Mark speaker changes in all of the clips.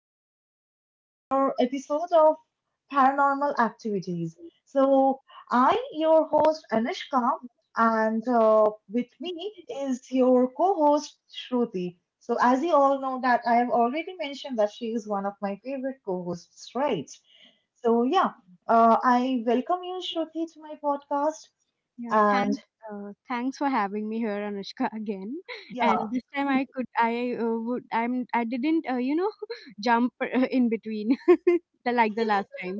Speaker 1: to, another episode of Paranormal Activities. So, I your host Anushka and with me is your co-host Shruti. So, as you all know that I have already mentioned that she is one of my favorite co-hosts, right? So, yeah, I welcome you Shruti to my podcast
Speaker 2: Yeah, thanks.
Speaker 1: and
Speaker 2: Thanks for having me here, Anushka, again.
Speaker 1: yeah.
Speaker 2: And this time I could, I would, I didn't, jump in between, like the last time.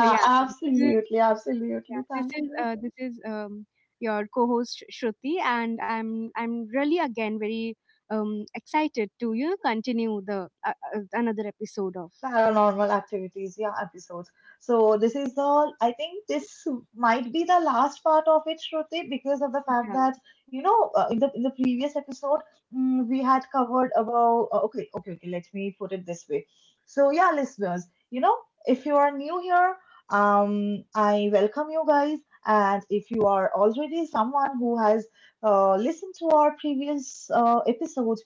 Speaker 2: So yeah, this is,
Speaker 1: absolutely, absolutely.
Speaker 2: yeah,
Speaker 1: Thank you.
Speaker 2: this is your co-host Shruti, and I'm really again very excited to continue the another episode of.
Speaker 1: Paranormal activities, yeah, episodes. So this is all. I think this might be the last part of it, Shruti, because of the fact
Speaker 2: Yeah.
Speaker 1: that in the previous episode we had covered about. Okay, okay, okay. Let me put it this way. So yeah, listeners, if you are new here, I welcome you guys, and if you are already someone who has listened to our previous episodes.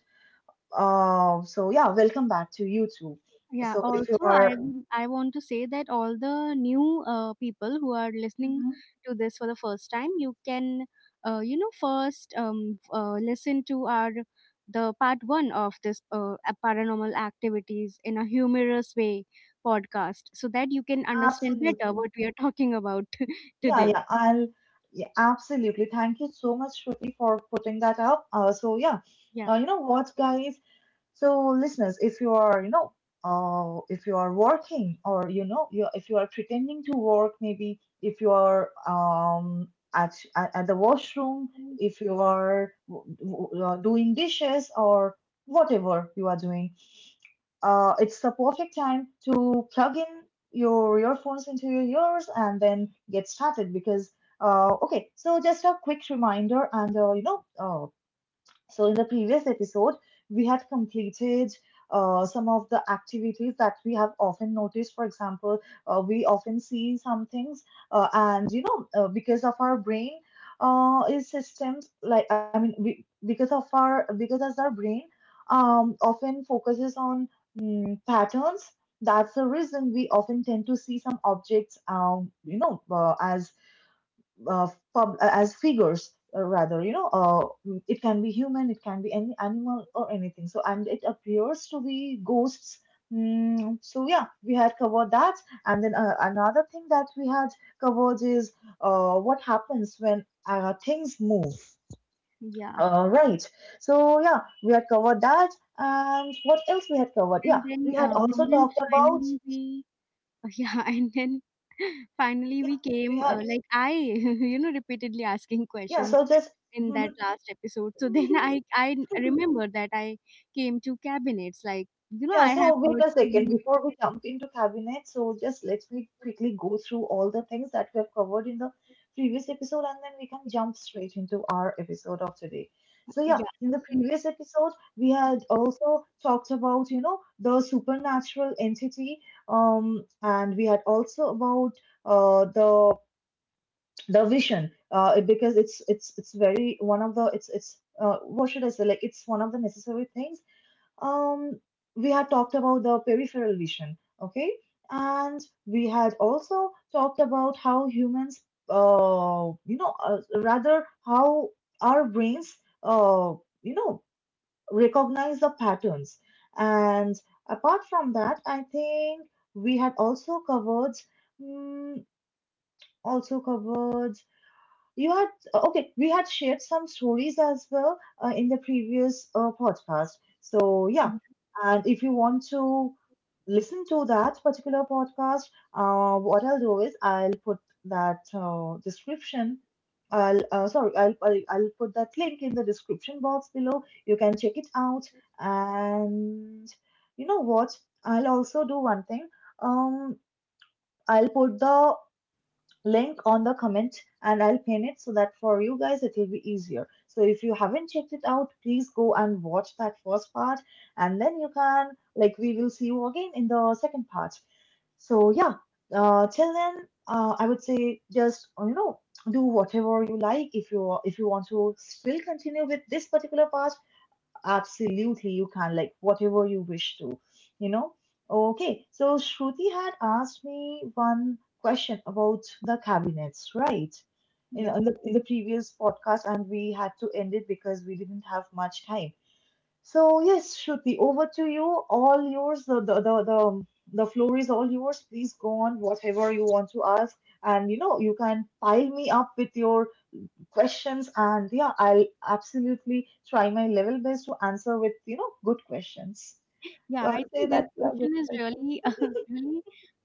Speaker 1: Welcome back to you too.
Speaker 2: Yeah,
Speaker 1: So if you
Speaker 2: also
Speaker 1: are.
Speaker 2: I want to say that all the new people who are listening
Speaker 1: Mhm.
Speaker 2: to this for the first time, you can first listen to our the part 1 of this paranormal activities in a humorous way podcast so that you can understand better
Speaker 1: Absolutely,
Speaker 2: what we are talking about
Speaker 1: yeah,
Speaker 2: today.
Speaker 1: yeah, I'll yeah, absolutely. Thank you so much, Shruti, for putting that up.
Speaker 2: Yeah.
Speaker 1: You know what, guys? So listeners, if you are, if you are working or you know, you if you are pretending to work, maybe if you are at the washroom, if you are doing dishes or whatever you are doing, it's the perfect time to plug in your earphones into your ears and then get started because okay, so just a quick reminder and in the previous episode, we had completed some of the activities that we have often noticed. For example, we often see some things, because of our brain is systems like I mean, we, because of our because as our brain often focuses on patterns. That's the reason we often tend to see some objects, as uh, as figures, rather you know mm, it can be human, it can be any animal or anything, so and it appears to be ghosts. So yeah, we had covered that, and then another thing that we had covered is what happens when things move,
Speaker 2: Yeah.
Speaker 1: right? So yeah, we had covered that, and what else we had covered? Yeah, we had also
Speaker 2: And then
Speaker 1: talked about.
Speaker 2: finally we Yeah, and then finally
Speaker 1: Yeah
Speaker 2: we
Speaker 1: we
Speaker 2: came
Speaker 1: had
Speaker 2: like I repeatedly asking
Speaker 1: Yeah,
Speaker 2: questions
Speaker 1: so just.
Speaker 2: in that last episode. So then I remember that I came to cabinets like
Speaker 1: Yeah,
Speaker 2: I have
Speaker 1: so wait
Speaker 2: heard
Speaker 1: a second
Speaker 2: stories of.
Speaker 1: before we jump into cabinet. So just let me quickly go through all the things that we have covered in the previous episode, and then we can jump straight into our episode of today. So yeah,
Speaker 2: Yeah,
Speaker 1: in the previous episode, we had also talked about, you know, the supernatural entity, and we had also about uh the the vision, because it's very one of the it's what should I say? Like, it's one of the necessary things. um, we had talked about the peripheral vision, okay? And we had also talked about how humans, you know, rather how our brains, uh, you know, recognize the patterns. And apart from that, I think we had also covered, mm, also covered you had okay. We had shared some stories as well in the previous podcast. So yeah, and if you want to listen to that particular podcast, what I'll do is I'll put that description. I'll sorry, I'll put that link in the description box below. You can check it out. And you know what? I'll also do one thing. Um, I'll put the link on the comment and I'll pin it so that for you guys it will be easier. So if you haven't checked it out, please go and watch that first part, and then you can, like, we will see you again in the second part. So yeah, till then, I would say, just you know, do whatever you like, if you want to still continue with this particular part. Absolutely, you can, like, whatever you wish to, you know? Okay, so Shruti had asked me one question about the cabinets, right? In,
Speaker 2: yeah,
Speaker 1: in, the, in the previous podcast, and we had to end it because we didn't have much time. So, yes, Shruti, over to you. All yours. The floor is all yours. Please go on, whatever you want to ask. And, you know, you can pile me up with your questions, and yeah, I'll absolutely try my level best to answer with, you know, good questions.
Speaker 2: yeah.
Speaker 1: So
Speaker 2: I
Speaker 1: I'll say
Speaker 2: think this
Speaker 1: that, yeah,
Speaker 2: question
Speaker 1: good
Speaker 2: is
Speaker 1: question.
Speaker 2: really really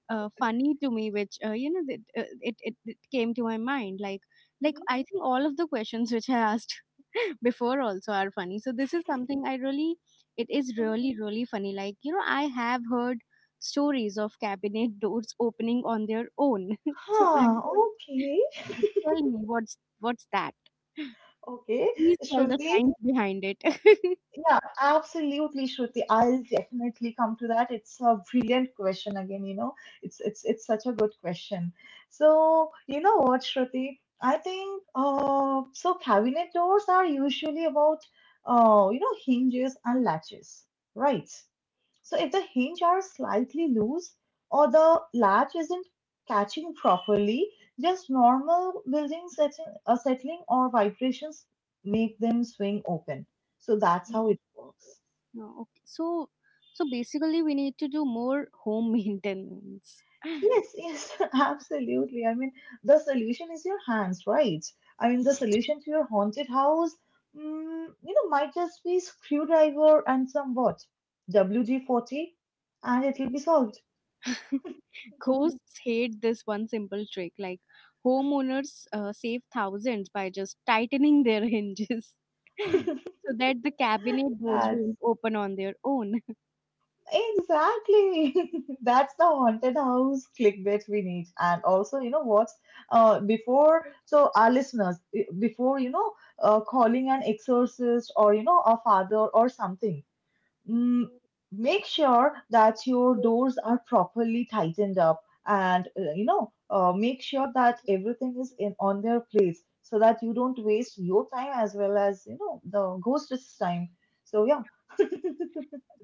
Speaker 2: funny to me, which you know it, it it it came to my mind, like
Speaker 1: Mhm,
Speaker 2: I think all of the questions which I asked before also are funny. So this is something I really, it is
Speaker 1: mhm.
Speaker 2: really, really funny, like, you know, I have heard stories of cabinet doors opening on their own. So I
Speaker 1: Huh,
Speaker 2: don't,
Speaker 1: okay.
Speaker 2: like, tell me what's that?
Speaker 1: Okay,
Speaker 2: Please tell the
Speaker 1: Shruti,
Speaker 2: science behind it.
Speaker 1: yeah, absolutely, Shruti, I'll definitely come to that. It's a brilliant question again, you know. It's such a good question. So you know what, Shruti, I think, so cabinet doors are usually about you know, hinges and latches, right? So if the hinge are slightly loose or the latch isn't catching properly, just normal building setting, settling or vibrations make them swing open. So that's how
Speaker 2: Mm.
Speaker 1: it works.
Speaker 2: No, okay. So, so basically we need to do more home maintenance.
Speaker 1: Yes, yes, absolutely. I mean, the solution is your hands, right? I mean, the solution to your haunted house, you know, might just be screwdriver and some what, WD-40, and it will be solved.
Speaker 2: Ghosts hate this one simple trick. Like homeowners save thousands by just tightening their hinges, so that the cabinet doors won't open on their own.
Speaker 1: Exactly. That's the haunted house clickbait we need. And also, you know what? Before, so Our listeners, before, you know, calling an exorcist or, you know, a father or something, mm, make sure that your doors are properly tightened up, and, make sure that everything is in on their place so that you don't waste your time as well as, you know, the ghost's time. So, yeah.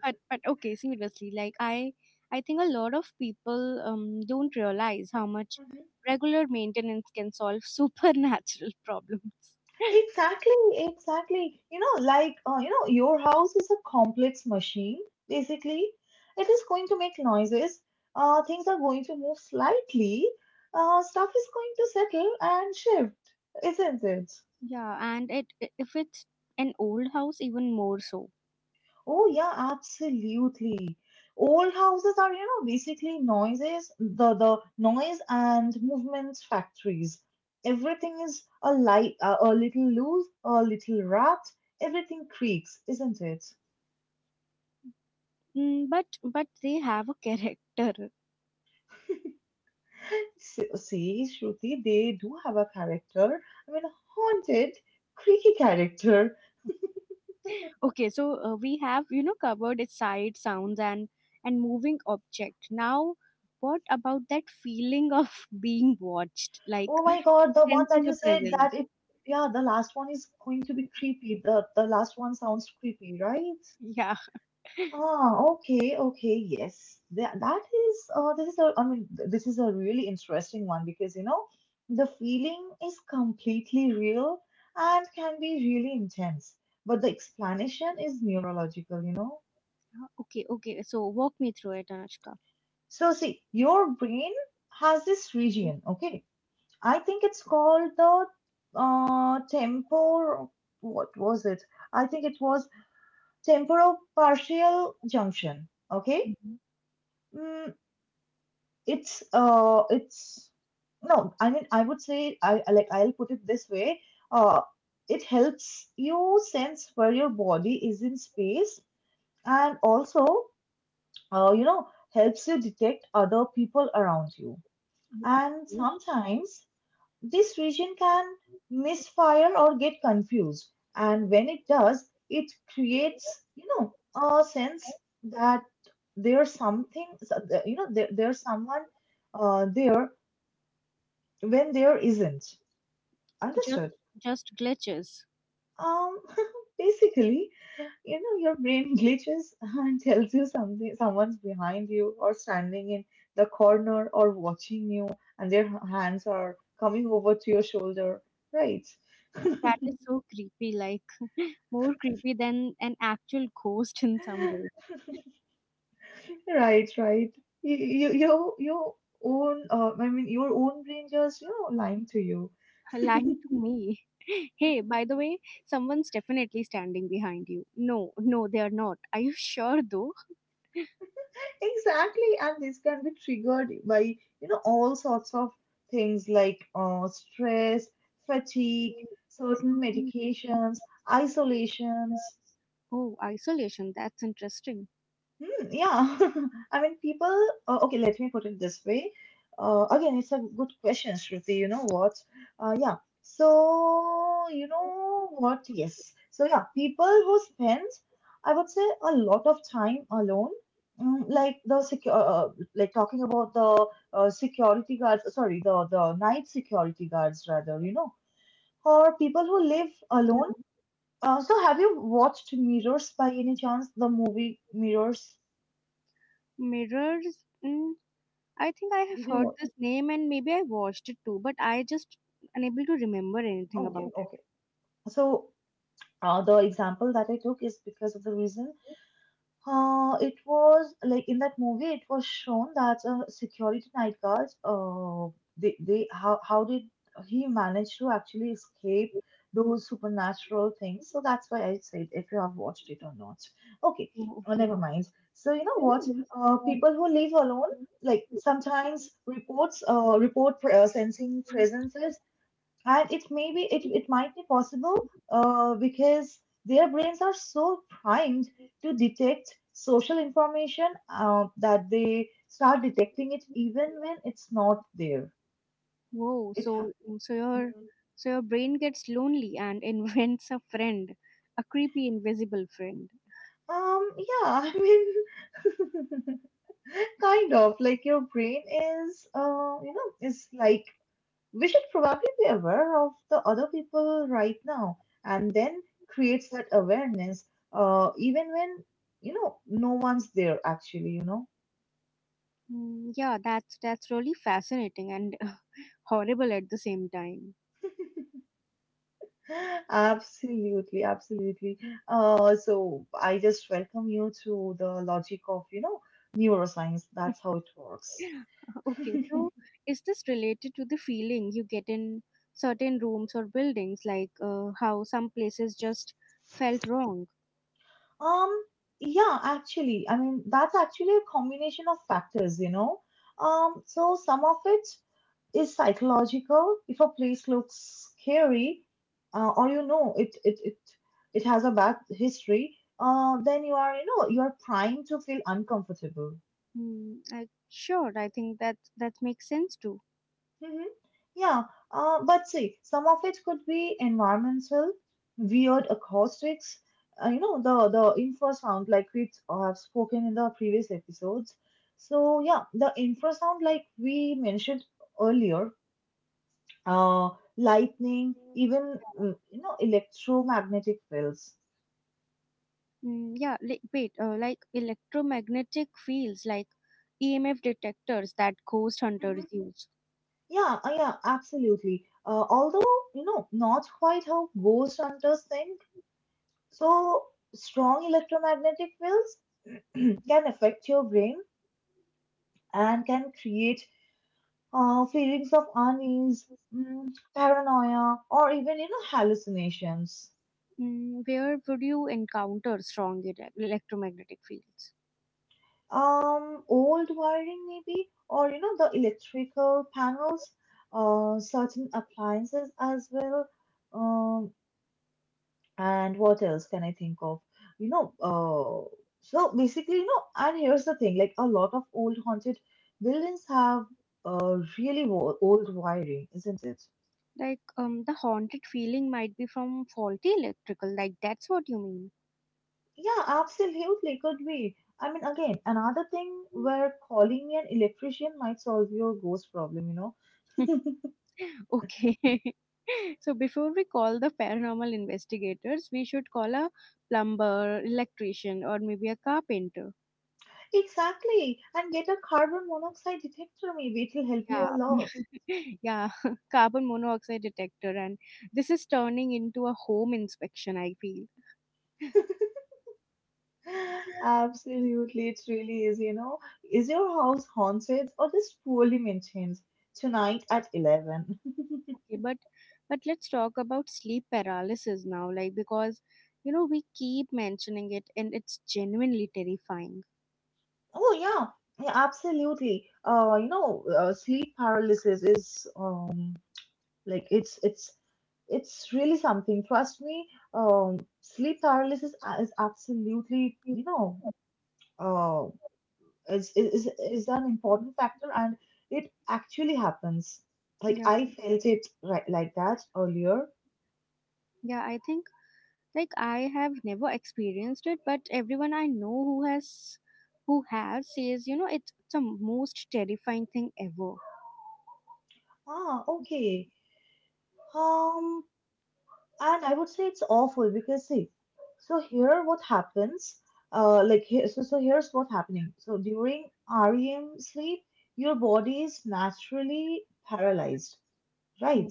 Speaker 2: But, okay, seriously, like, I think a lot of people don't realize how much regular maintenance can solve supernatural problems.
Speaker 1: Exactly, exactly. You know, like, your house is a complex machine, basically. It is going to make noises, things are going to move slightly, stuff is going to settle and shift, isn't it?
Speaker 2: Yeah, and if it's an old house, even more so.
Speaker 1: Oh, yeah, absolutely. Old houses are, you know, basically noises, the noise and movement factories. Everything is a light, a little loose, a little rough, everything creaks, isn't it?
Speaker 2: Mm, but they have a character.
Speaker 1: See, Shruti, they do have a character. I mean, a haunted, creaky character.
Speaker 2: Okay, so we have, you know, covered its sight, sounds, and moving object. Now, what about that feeling of being watched, like
Speaker 1: Oh my God, the one that
Speaker 2: sensing a
Speaker 1: you said
Speaker 2: presence?
Speaker 1: that it, yeah, the last one is going to be creepy. The last one sounds creepy, right?
Speaker 2: Yeah.
Speaker 1: Ah, okay, okay, yes. That that is this is a I mean th- this is a really interesting one, because you know, the feeling is completely real and can be really intense, but the explanation is neurological, you know.
Speaker 2: Okay. Okay. So walk me through it, Anushka.
Speaker 1: So see, your brain has this region, okay? I think it's called the tempor. What was it? I think it was temporopartial junction. Okay,
Speaker 2: Mhm.
Speaker 1: mm, it's no. I mean, I would say I- like I'll put it this way. Uh, it helps you sense where your body is in space, and also, uh, you know helps you detect other people around you.
Speaker 2: Yeah.
Speaker 1: And
Speaker 2: Yes.
Speaker 1: sometimes this region can misfire or get confused. And when it does, it creates, you know, a sense that there's something, you know, there's someone there when there isn't.
Speaker 2: Just
Speaker 1: Understood?
Speaker 2: just glitches.
Speaker 1: Um, Basically, you know, your brain glitches and tells you something, someone's behind you or standing in the corner or watching you, and their hands are coming over to your shoulder. Right,
Speaker 2: That is so creepy. Like more creepy than an actual ghost in some way.
Speaker 1: right, right. Your own, your own brain just, you know, lying to you.
Speaker 2: Lying to me. Hey, by the way, someone's definitely standing behind you. No, no, they are not. Are you sure though?
Speaker 1: Exactly, and this can be triggered by, you know, all sorts of things, like stress, fatigue, certain medications, isolations.
Speaker 2: Oh, isolation. That's interesting.
Speaker 1: Hmm, yeah, I mean, people. Okay, let me put it this way. Again, it's a good question, Shruti. You know what? Uh, yeah. So you know what? Yes. So yeah, people who spend, I would say, a lot of time alone. Like the secure, like talking about the security guards. Sorry, the night security guards rather. You know, or people who live alone. So have you watched Mirrors by any chance? The movie Mirrors.
Speaker 2: Mirrors. Mm, I think I have
Speaker 1: Did you?
Speaker 2: heard
Speaker 1: wa-
Speaker 2: this name and maybe I watched it too, but I just unable to remember anything
Speaker 1: Okay,
Speaker 2: about it.
Speaker 1: okay. So the example that I took is because of the reason. It was like in that movie, it was shown that security night guards, they, how did he manage to actually escape those supernatural things? So that's why I said if you have watched it or not. Okay,
Speaker 2: Oh, okay.
Speaker 1: never mind. So you know what? People who live alone, like sometimes reports, report sensing presences, and it may be, it might be possible, because their brains are so primed to detect social information, that they start detecting it even when it's not there.
Speaker 2: Whoa,
Speaker 1: it ha-
Speaker 2: so, mm, so your,
Speaker 1: Mm.
Speaker 2: so your brain gets lonely and invents a friend, a creepy invisible friend.
Speaker 1: Yeah, I mean, kind of like your brain is you know is like we should probably be aware of the other people right now, and then creates that awareness even when you know no one's there actually, you know.
Speaker 2: Mm, yeah, that's really fascinating and horrible at the same time.
Speaker 1: Absolutely, absolutely. So I just welcome you to the logic of, you know, neuroscience. That's how it works.
Speaker 2: Okay, so is this related to the feeling you get in certain rooms or buildings, like how some places just felt wrong?
Speaker 1: um, yeah, actually, I mean, that's actually a combination of factors, you know. So some of it is psychological. If a place looks scary, or you know it it has a bad history, then you are, you know, you are primed to feel uncomfortable.
Speaker 2: Hmm, I, sure, I think that that makes sense too.
Speaker 1: Hmm. Yeah, but see, some of it could be environmental, weird acoustics. You know the infrasound, like we have spoken in the previous episodes. So yeah, the infrasound, like we mentioned earlier, uh, lightning, even, you know, electromagnetic fields.
Speaker 2: Mm, yeah, like, wait, like electromagnetic fields, like EMF detectors that ghost hunters
Speaker 1: Hmm.
Speaker 2: use.
Speaker 1: Yeah, yeah, absolutely. Although, you know, not quite how ghost hunters think, so strong electromagnetic fields can affect your brain and can create feelings of unease, paranoia, or even, you know, hallucinations.
Speaker 2: Mm, where would you encounter strong electromagnetic fields?
Speaker 1: Old wiring maybe, or you know, the electrical panels, certain appliances as well. Um, and what else can I think of? You know, so basically, you know, and here's the thing, like a lot of old haunted buildings have really old wiring, isn't it?
Speaker 2: Like, the haunted feeling might be from faulty electrical. Like, that's what you mean.
Speaker 1: Yeah, absolutely, could be. I mean, again, another thing where calling an electrician might solve your ghost problem, know.
Speaker 2: Okay. So before we call the paranormal investigators, we should call a plumber, electrician, or maybe a carpenter.
Speaker 1: Exactly. And get a carbon monoxide detector, maybe it'll help you a
Speaker 2: Yeah,
Speaker 1: lot.
Speaker 2: yeah, carbon monoxide detector, and this is turning into a home inspection, I feel.
Speaker 1: Absolutely, it really is. You know, is your house haunted or just poorly maintained? Tonight at 11.
Speaker 2: Okay, but let's talk about sleep paralysis now, like, because, you know, we keep mentioning it, and it's genuinely terrifying.
Speaker 1: Oh, yeah, yeah, absolutely. You know, sleep paralysis is like it's it's really something. Trust me, sleep paralysis is absolutely, you know, uh, is an important factor, and it actually happens, like
Speaker 2: Yeah,
Speaker 1: I felt it right, like that earlier.
Speaker 2: yeah, I think, like, I have never experienced it, but everyone I know who has, who has says, you know, it's the most terrifying thing ever.
Speaker 1: Ah, okay. Um, and I would say it's awful because see, so here what happens, like here, so here's what happening. So during REM sleep your body is naturally paralyzed,
Speaker 2: Hmm.
Speaker 1: right?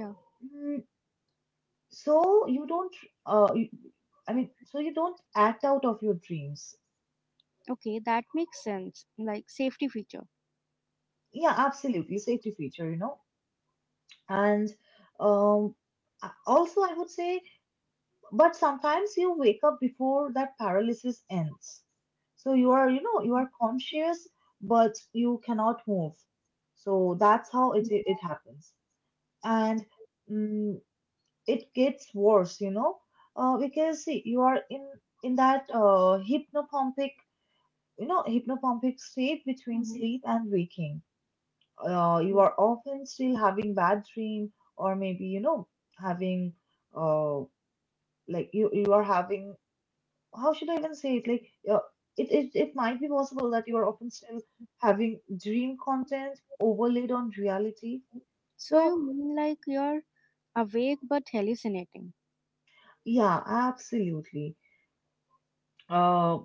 Speaker 2: Yeah.
Speaker 1: Mm, so you don't uh you, I mean, so you don't act out of your dreams.
Speaker 2: Okay, that makes sense. Like, safety feature.
Speaker 1: Yeah, absolutely, safety feature, you know. And um, also, I would say, but sometimes you wake up before that paralysis ends. So you are, you know, you are conscious, but you cannot move. So that's how it happens, and mm it gets worse, you know, because see, you are in that hypnopompic, you know, hypnopompic state between sleep and waking. You
Speaker 2: Mm.
Speaker 1: are often still having bad dream, or maybe, you know, having uh, like you are having, how should I even say it, like it might be possible that you are often still having dream content overlaid on reality.
Speaker 2: So
Speaker 1: So
Speaker 2: you mean, like, you're awake but hallucinating.
Speaker 1: yeah, absolutely. uh,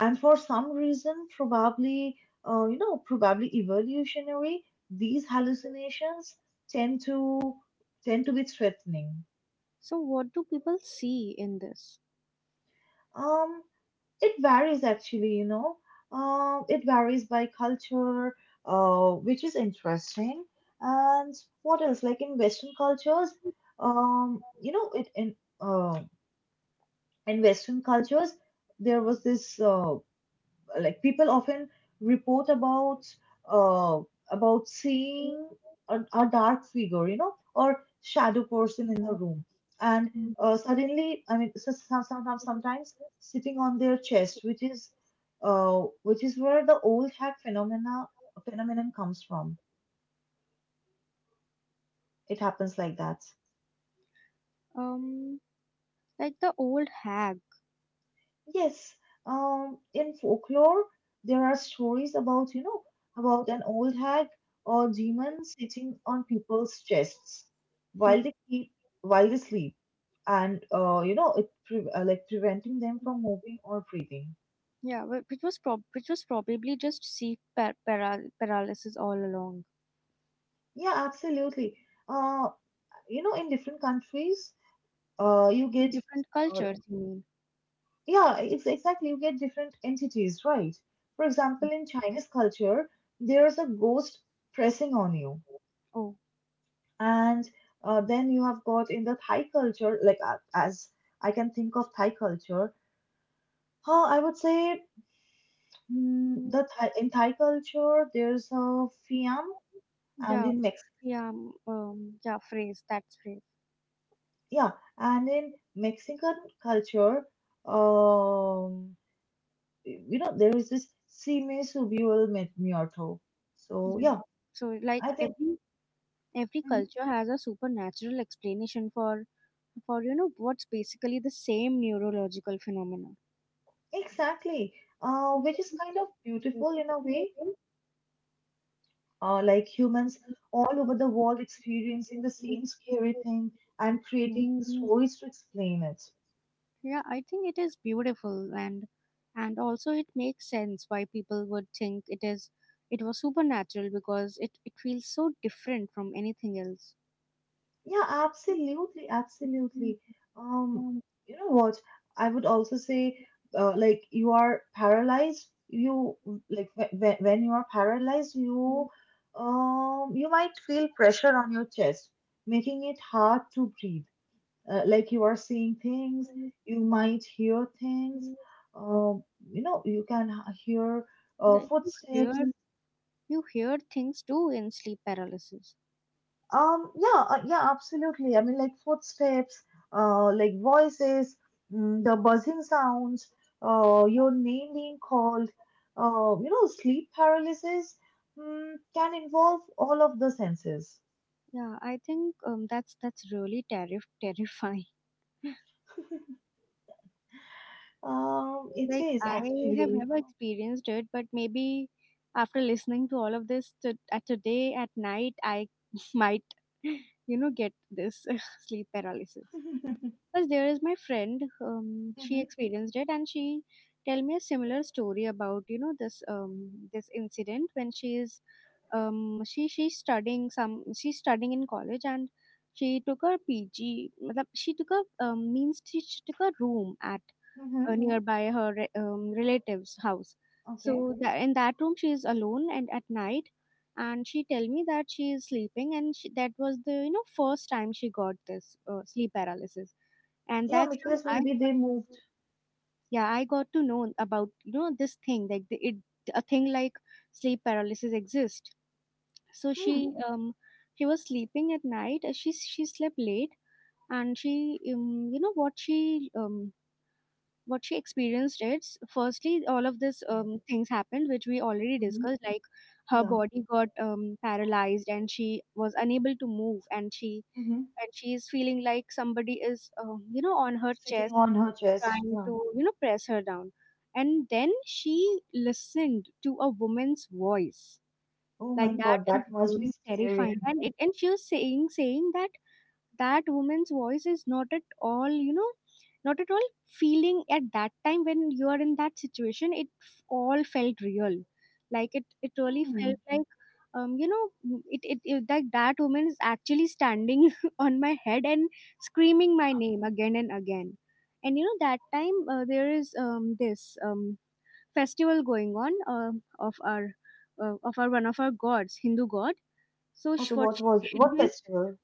Speaker 1: and for some reason, probably you know, probably evolutionary, these hallucinations tend to tend to be threatening.
Speaker 2: So what do people see in this?
Speaker 1: Um, it varies actually, you know. It varies by culture, which is interesting. And what else? Like in Western cultures, you know, it uh, in Western cultures, there was this, like people often report about, uh, about seeing a dark figure, you know, or shadow person in the room, and suddenly, I mean, sometimes sitting on their chest, which is where the old hag phenomena phenomenon comes from. It happens like that.
Speaker 2: Um, like the old hag.
Speaker 1: Yes, in folklore, there are stories about, you know, about an old hag or demon sitting on people's chests while they keep while they sleep, and you know, it pre like preventing them from moving or breathing.
Speaker 2: Yeah, which was prob, which was probably just sleep paralysis all along.
Speaker 1: Yeah, absolutely. Uh, you know, in different countries, you
Speaker 2: In
Speaker 1: get,
Speaker 2: different
Speaker 1: uh,
Speaker 2: cultures, you mean?
Speaker 1: yeah, it's exactly, you get different entities, right? For example, in Chinese culture, there's a ghost pressing on you.
Speaker 2: Oh,
Speaker 1: And then you have got in the Thai culture, like as I can think of Thai culture, huh, I would say, the Thai, in Thai culture there's a Fiam, and
Speaker 2: yeah,
Speaker 1: in Mex,
Speaker 2: yeah, yeah. Phrase, that's phrase.
Speaker 1: yeah, and in Mexican culture, um, you know there is this Si me subió el mi- muerto. So
Speaker 2: Yeah.
Speaker 1: yeah,
Speaker 2: So, like,
Speaker 1: I think.
Speaker 2: every
Speaker 1: Mhm.
Speaker 2: culture has a supernatural explanation for, you know, what's basically the same neurological phenomena.
Speaker 1: Exactly, which is kind of beautiful in a way, like humans all over the world experiencing the same scary thing and creating
Speaker 2: Mm.
Speaker 1: stories to explain it.
Speaker 2: Yeah, I think it is beautiful, and also it makes sense why people would think it is, it was supernatural, because it feels so different from anything else.
Speaker 1: Yeah, absolutely, absolutely. Um, you know what? I would also say, like you are paralyzed. You like when you are paralyzed, you you might feel pressure on your chest, making it hard to breathe, like you are seeing things, you might hear things, um, you know you can hear
Speaker 2: Yeah, you
Speaker 1: footsteps.
Speaker 2: hear, you hear things too in sleep paralysis.
Speaker 1: Yeah, yeah, absolutely. I mean, like footsteps, like voices, the buzzing sounds, your name being called. You know, sleep paralysis, can involve all of the senses.
Speaker 2: Yeah, I think, that's really terrifying.
Speaker 1: Um, it
Speaker 2: Like,
Speaker 1: is
Speaker 2: I have
Speaker 1: actually.
Speaker 2: never experienced it, but maybe after listening to all of this to, at today at night, I might, you know, get this sleep paralysis. Because there is my friend, she
Speaker 1: Mm-hmm.
Speaker 2: experienced it, and she tell me a similar story about, you know, this, this incident, when she is, she, she's studying in college, and she took her PG. Matlab, she took a, means she took a room at
Speaker 1: Mm-hmm.
Speaker 2: nearby her relative's house.
Speaker 1: Okay.
Speaker 2: So that in that room she is alone and at night, and she tell me that she is sleeping, and she, that was the, you know, first time she got this sleep paralysis, and
Speaker 1: Yeah,
Speaker 2: that's how
Speaker 1: because
Speaker 2: I
Speaker 1: maybe
Speaker 2: got,
Speaker 1: they moved.
Speaker 2: yeah, I got to know about, you know, this thing like, the, it, a thing like sleep paralysis exists. So
Speaker 1: Hmm.
Speaker 2: she, she was sleeping at night. She slept late, and she, you know what she, um what she experienced is, firstly all of this, things happened which we already discussed, like her
Speaker 1: Yeah.
Speaker 2: body got, paralyzed, and she was unable to move, and she,
Speaker 1: Hmm.
Speaker 2: and she is feeling like somebody is, you know, on her
Speaker 1: Sitting
Speaker 2: chest,
Speaker 1: on her chest.
Speaker 2: trying to,
Speaker 1: Yeah.
Speaker 2: you know, press her down, and then she listened to a woman's voice,
Speaker 1: Oh
Speaker 2: like,
Speaker 1: my
Speaker 2: that
Speaker 1: God,
Speaker 2: is
Speaker 1: that must be
Speaker 2: really
Speaker 1: scary.
Speaker 2: terrifying, and it, and she was saying that that woman's voice is not at all, you know, not at all feeling. At that time, when you are in that situation, it all felt real. Like, it really
Speaker 1: Hmm.
Speaker 2: felt like, you know, it, like, that woman is actually standing on my head and screaming my name again and again. And, you know, that time there is, this festival going on, of our, of our, one of our gods, Hindu god. So
Speaker 1: Okay,
Speaker 2: sh- what
Speaker 1: what was
Speaker 2: she
Speaker 1: what
Speaker 2: did
Speaker 1: festival?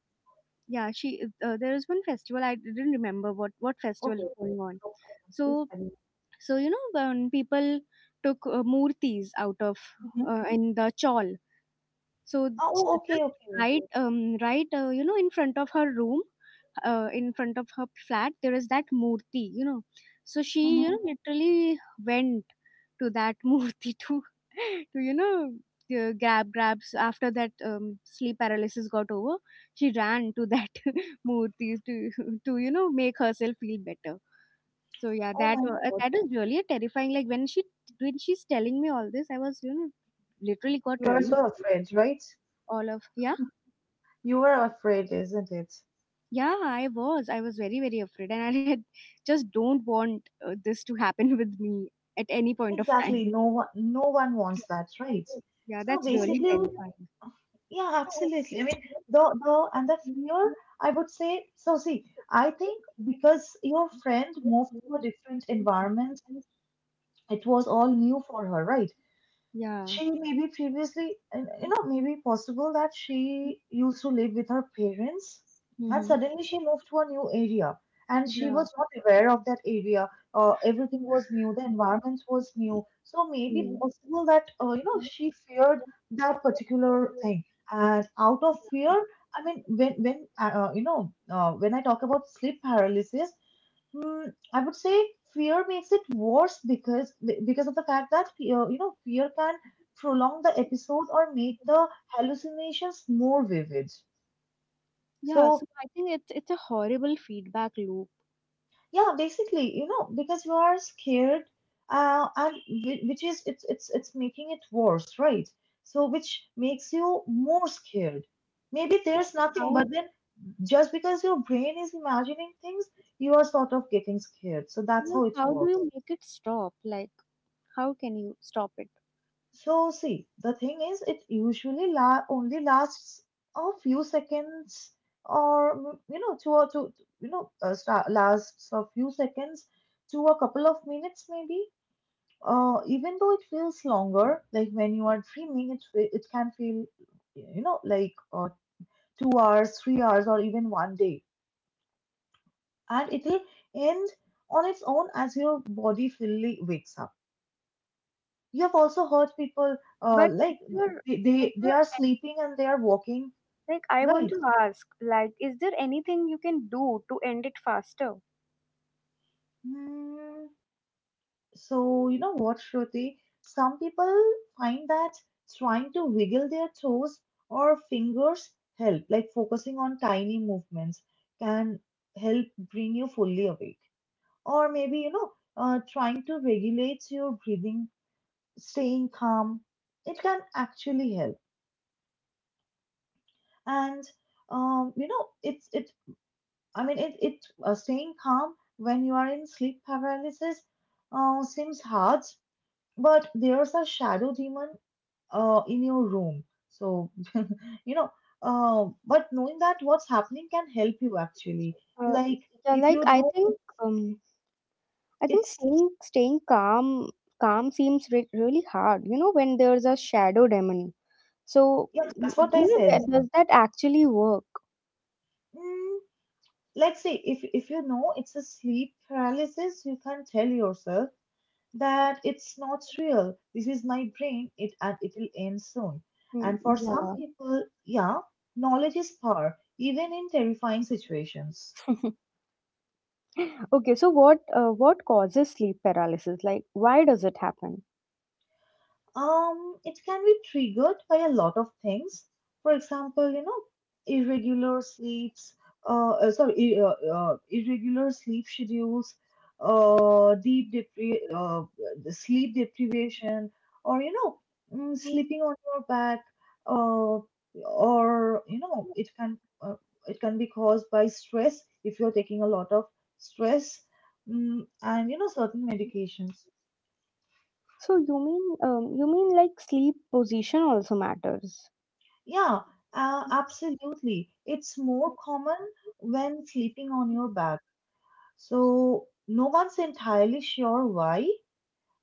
Speaker 2: Yeah, she, there is one festival, I didn't remember what festival is
Speaker 1: Okay,
Speaker 2: going on.
Speaker 1: no problem. Please
Speaker 2: So,
Speaker 1: carry
Speaker 2: so, you know, when people took, murtis out of,
Speaker 1: on. Mhm.
Speaker 2: in the chawl, so
Speaker 1: Oh,
Speaker 2: j-
Speaker 1: okay,
Speaker 2: just
Speaker 1: okay.
Speaker 2: right, right, you know, in front of her room, in front of her flat, there is that murti, you know. So she, you know,
Speaker 1: Hmm.
Speaker 2: literally went to that murti to, you know, grabs after that, sleep paralysis got over. She ran to that murti to, you know, make herself feel better. So yeah,
Speaker 1: Oh
Speaker 2: that,
Speaker 1: my God,
Speaker 2: that is really terrifying. Like, when she, when she's telling me all this, I was, you know, literally got
Speaker 1: you are
Speaker 2: really
Speaker 1: so
Speaker 2: scared,
Speaker 1: afraid, right?
Speaker 2: all of. Yeah,
Speaker 1: You are afraid, isn't it?
Speaker 2: yeah, I was, I was very, very afraid, and I had, just don't want this to happen with me at any point of time.
Speaker 1: Exactly. No one, no one wants that, right?
Speaker 2: Yeah,
Speaker 1: So
Speaker 2: that's really
Speaker 1: basically,
Speaker 2: terrifying.
Speaker 1: yeah, absolutely. I mean, the and the fear. I would say so. See, I think because your friend moved to a different environment, it was all new for her, right?
Speaker 2: Yeah.
Speaker 1: She maybe previously, and, you know, maybe possible that she used to live with her parents, and
Speaker 2: Mm-hmm.
Speaker 1: suddenly she moved to a new area, and she
Speaker 2: Yeah.
Speaker 1: was not aware of that area. Everything was new, the environment was new. So maybe
Speaker 2: Mm.
Speaker 1: possible that, you know, she feared that particular thing. And out of fear, I mean, when you know, when I talk about sleep paralysis, mm, I would say fear makes it worse because of the fact that fear, you know, fear can prolong the episode or make the hallucinations more vivid.
Speaker 2: Yeah, so
Speaker 1: So
Speaker 2: I think it's a horrible feedback loop.
Speaker 1: yeah, basically, you know, because you are scared, and which is it's making it worse, right? So which makes you more scared. Maybe
Speaker 2: So
Speaker 1: there's nothing,
Speaker 2: how,
Speaker 1: but then just because your brain is imagining things, you are sort of getting scared. So that's
Speaker 2: like,
Speaker 1: how it
Speaker 2: how do
Speaker 1: works.
Speaker 2: you make it stop, like, how can you stop it?
Speaker 1: So see, the thing is, it usually only lasts a few seconds, or you know, to a to you know, sta lasts a few seconds to a couple of minutes maybe. Even though it feels longer, like when you are dreaming, it can feel, you know, like 2 hours, 3 hours, or even one day, and it'll end on its own as your body fully wakes up. You have also heard people,
Speaker 2: But is
Speaker 1: like
Speaker 2: there, is
Speaker 1: they
Speaker 2: there
Speaker 1: are sleeping and they are walking,
Speaker 2: like, I want
Speaker 1: right?
Speaker 2: to ask, like, is there anything you can do to end it faster?
Speaker 1: Hmm. So you know what, Shruti, some people find that trying to wiggle their toes or fingers help, like focusing on tiny movements can help bring you fully awake, or maybe, you know, trying to regulate your breathing, staying calm, it can actually help. And you know it, I mean, it staying calm when you are in sleep paralysis seems hard, but there's a shadow demon in your room. So, you know, but knowing that what's happening can help you actually.
Speaker 2: Uh,
Speaker 1: Like,
Speaker 2: yeah,
Speaker 1: if
Speaker 2: like,
Speaker 1: you
Speaker 2: I
Speaker 1: know
Speaker 2: think, I think
Speaker 1: it's,
Speaker 2: staying, staying calm, calm seems really hard. You know, when there's a shadow demon. So,
Speaker 1: yeah,
Speaker 2: you
Speaker 1: that's what I
Speaker 2: know,
Speaker 1: said.
Speaker 2: that, does that actually work?
Speaker 1: Mm, like, see, if you know it's a sleep paralysis, you can tell yourself that it's not real. This is my brain, it and it'll end soon.
Speaker 2: Mm.
Speaker 1: And for some
Speaker 2: Yeah.
Speaker 1: people, yeah, knowledge is power, even in terrifying situations.
Speaker 2: Okay. So what causes sleep paralysis? Like, why does it happen?
Speaker 1: It can be triggered by a lot of things. For example, you know, irregular sleeps, irregular sleep schedules, uh, deep depri- uh, the sleep deprivation, or you know, sleeping on your back, uh, or you know, it can be caused by stress if you're taking a lot of stress, and you know, certain medications.
Speaker 2: So you mean, you mean, like, sleep position also matters.
Speaker 1: Yeah, absolutely. It's more common when sleeping on your back. So no one's entirely sure why,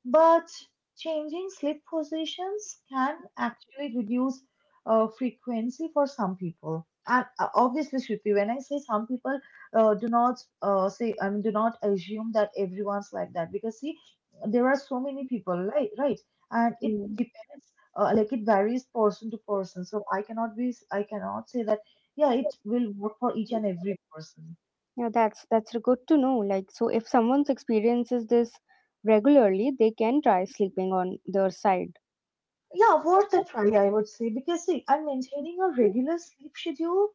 Speaker 1: but changing sleep positions can actually reduce frequency for some people. And obviously, Shruti, when I say some people, do not say, I mean, do not assume that everyone's like that because see, there are so many people, right? Right, and it
Speaker 2: Mm.
Speaker 1: it's, uh, like it varies person to person so I cannot say that yeah it will work for each and every person.
Speaker 2: Yeah, that's good to know. Like, so if someone experiences this regularly, they can try sleeping on their side.
Speaker 1: Yeah, worth a try, I would say, because see, I'm maintaining a regular sleep schedule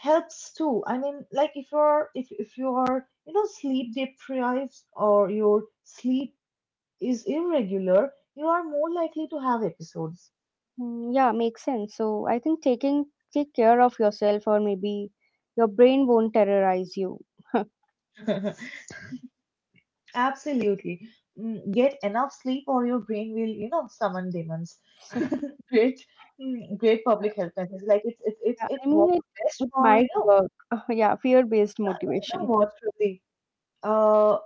Speaker 1: helps too. If you are sleep deprived or your sleep is irregular, you are more likely to have episodes.
Speaker 2: Mm. Yeah, makes sense. So I think taking, take care of yourself, or maybe your brain won't terrorize you.
Speaker 1: Absolutely. Get enough sleep or your brain will, summon demons. Great, great public health message. Like it's
Speaker 2: Yeah, I
Speaker 1: it
Speaker 2: mean,
Speaker 1: works
Speaker 2: it
Speaker 1: best
Speaker 2: it
Speaker 1: for
Speaker 2: might work. Yeah, fear-based
Speaker 1: you know
Speaker 2: motivation.
Speaker 1: what, Shruti. Uh,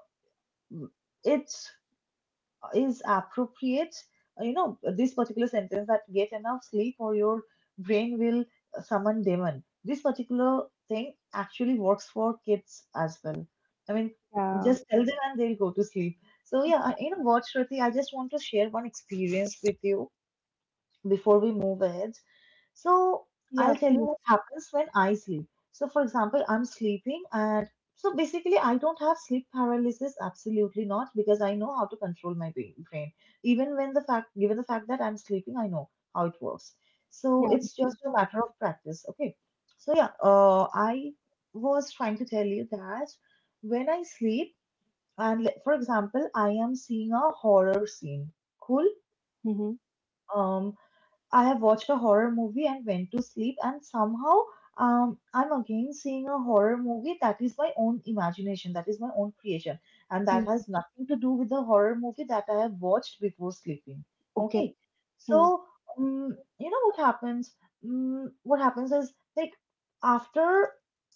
Speaker 1: it's is appropriate you know this particular sentence, that get enough sleep or your brain will summon demon, this particular thing actually works for kids as well. i mean
Speaker 2: Yeah.
Speaker 1: just tell them and they'll go to sleep. So yeah, you know what, Shruti, I just want to share one experience with you before we move ahead. So
Speaker 2: Yeah,
Speaker 1: I'll tell you
Speaker 2: please.
Speaker 1: what happens when I sleep. So for example, I'm sleeping and so basically I don't have sleep paralysis, absolutely not, because I know how to control my brain. Even when the fact, given the fact that I'm sleeping, I know how it works. So
Speaker 2: Yeah.
Speaker 1: it's just a matter of practice. Okay. So yeah, I was trying to tell you that when I sleep, and for example, I am seeing a horror scene. Cool.
Speaker 2: Mm-hmm.
Speaker 1: Um, I have watched a horror movie and went to sleep, and somehow I'm again seeing a horror movie that is my own imagination, that is my own creation, and that has nothing to do with the horror movie that I have watched before sleeping.
Speaker 2: Okay.
Speaker 1: Okay,
Speaker 2: Hmm.
Speaker 1: so you know what happens? What happens is, like, after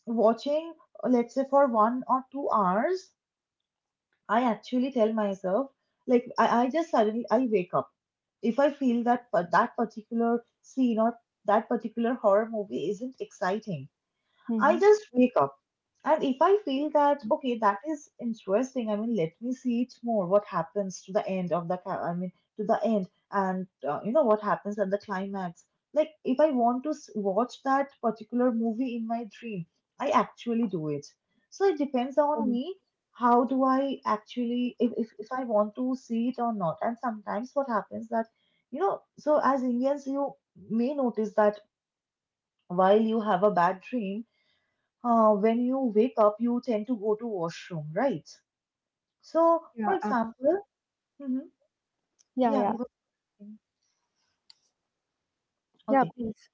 Speaker 1: watching, let's say for 1 or 2 hours, I actually tell myself like I just suddenly I wake up if I feel that that particular scene or that particular horror movie isn't exciting, I
Speaker 2: Mm-hmm.
Speaker 1: just wake up. And if I feel that, okay, that is interesting, I mean, let me see it more. What happens to the end of the, I mean, to the end, and you know, what happens at the climax. Like, if I want to watch that particular movie in my dream, I actually do it. So it depends on
Speaker 2: Mm.
Speaker 1: me. How do I actually, if I want to see it or not? And sometimes what happens that, you know, so as Indians, you may notice that while you have a bad dream, when you wake up, you tend to go to washroom, right? So, for
Speaker 2: Yeah,
Speaker 1: example, hmm,
Speaker 2: yeah,
Speaker 1: yeah,
Speaker 2: yeah,
Speaker 1: you were saying-
Speaker 2: yeah,
Speaker 1: okay.
Speaker 2: please.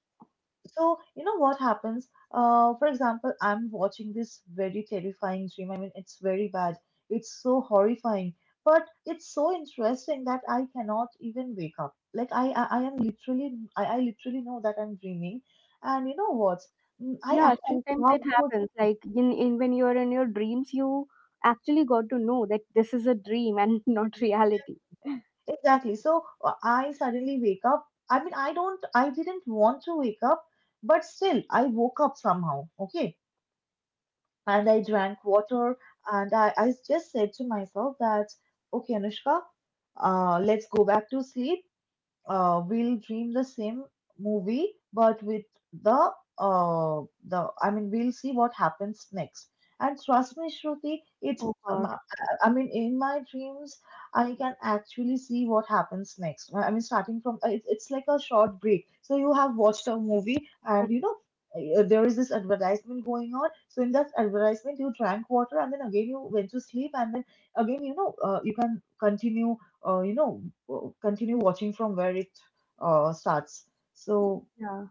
Speaker 1: So, you know what happens? For example, I'm watching this very terrifying dream. I mean, it's very bad. It's so horrifying, but it's so interesting that I cannot even wake up. Like I am literally, I literally know that I'm dreaming, and you know what? I
Speaker 2: Yeah,
Speaker 1: actually
Speaker 2: sometimes
Speaker 1: love.
Speaker 2: it happens. Like, in, when you're in your dreams, you actually got to know that this is a dream and not reality.
Speaker 1: Exactly. So I suddenly wake up. I mean, I don't, I didn't want to wake up, but still, I woke up somehow. Okay. And I drank water and I just said to myself that, okay, Anushka, let's go back to sleep. We'll dream the same movie, but with the uh, the, I mean, we'll see what happens next. And trust me, Shruti, it's
Speaker 2: Oh
Speaker 1: um,
Speaker 2: God.
Speaker 1: I I mean, in my dreams, I can actually see what happens next. I mean, starting from it's like a short break. So you have watched a movie, and you know. There is this advertisement going on. So in that advertisement, you drank water, and then again you went to sleep, and then again you can continue uh, you know, continue watching from where it starts. So
Speaker 2: Yeah.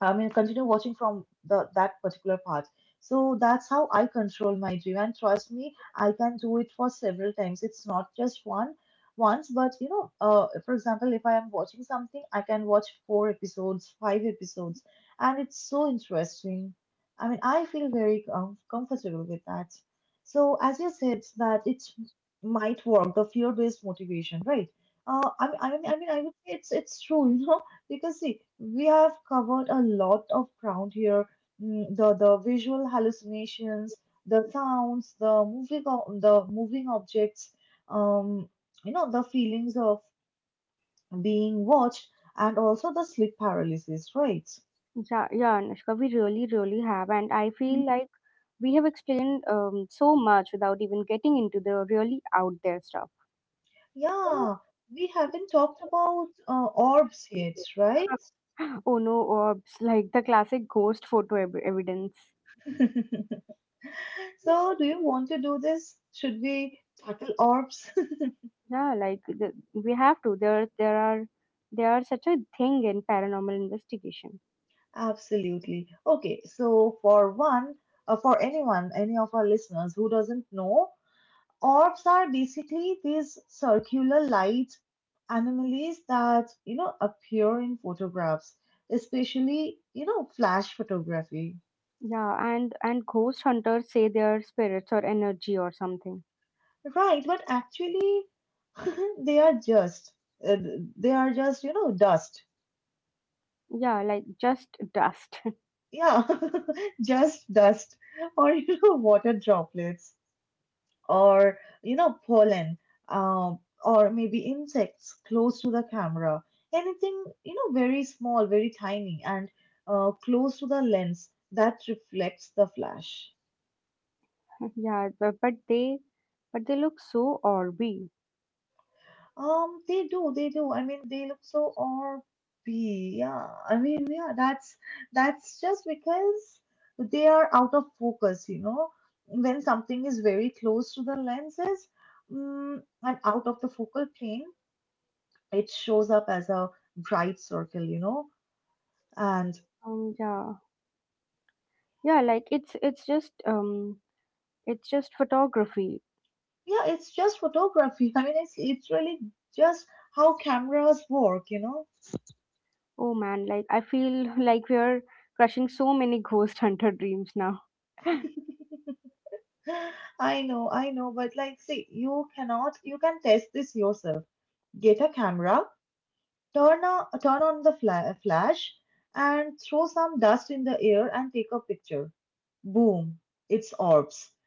Speaker 1: I mean, continue watching from the that particular part. So that's how I control my dream, and trust me, I can do it for several times. It's not just one once, but you know, for example, if I am watching something, I can watch four episodes, five episodes, and it's so interesting. I mean, I feel very comfortable with that. So as you said, that it might work, the fear-based motivation, right? I mean, I would say it's true. You know, because see, we have covered a lot of ground here. The visual hallucinations, the sounds, the the moving objects, um, you know, the feelings of being watched, and also the sleep paralysis, right?
Speaker 2: Yeah, yeah, Anushka, we really, really have. And I
Speaker 1: Mm.
Speaker 2: feel like we have explained, so much without even getting into the really out there stuff.
Speaker 1: Yeah, we haven't talked about orbs yet, right?
Speaker 2: Oh no, orbs, like the classic ghost photo evidence.
Speaker 1: So, do you want to do this? Should we tackle orbs?
Speaker 2: Yeah, like the, we have to. There are such a thing in paranormal investigation.
Speaker 1: Absolutely. Okay, so for one, for anyone, any of our listeners who doesn't know, orbs are basically these circular light anomalies that, you know, appear in photographs, especially, you know, flash photography.
Speaker 2: Yeah, and ghost hunters say they are spirits or energy or something.
Speaker 1: Right, but actually, they are just, uh, they are just, you know, dust.
Speaker 2: Yeah, like just dust.
Speaker 1: Yeah, just dust or, you know, water droplets, or you know, pollen, um, or maybe insects close to the camera, anything you know, very small, very tiny, and close to the lens that reflects the flash.
Speaker 2: Yeah, but they look so Orby.
Speaker 1: They do, they do. I mean, they look so orby. Yeah, I mean, yeah, that's just because they are out of focus, you know, when something is very close to the lenses, mm, and out of the focal plane, it shows up as a bright circle, you know? And
Speaker 2: Um, yeah, yeah, like it's just it's just photography.
Speaker 1: yeah, it's just photography. I mean, it's literally just how cameras work, you know?
Speaker 2: Oh man, like I feel like we are crushing so many ghost hunter dreams now.
Speaker 1: I know, but like, see, you cannot, you can test this yourself. Get a camera, turn on the flash, and throw some dust in the air and take a picture. Boom, it's orbs.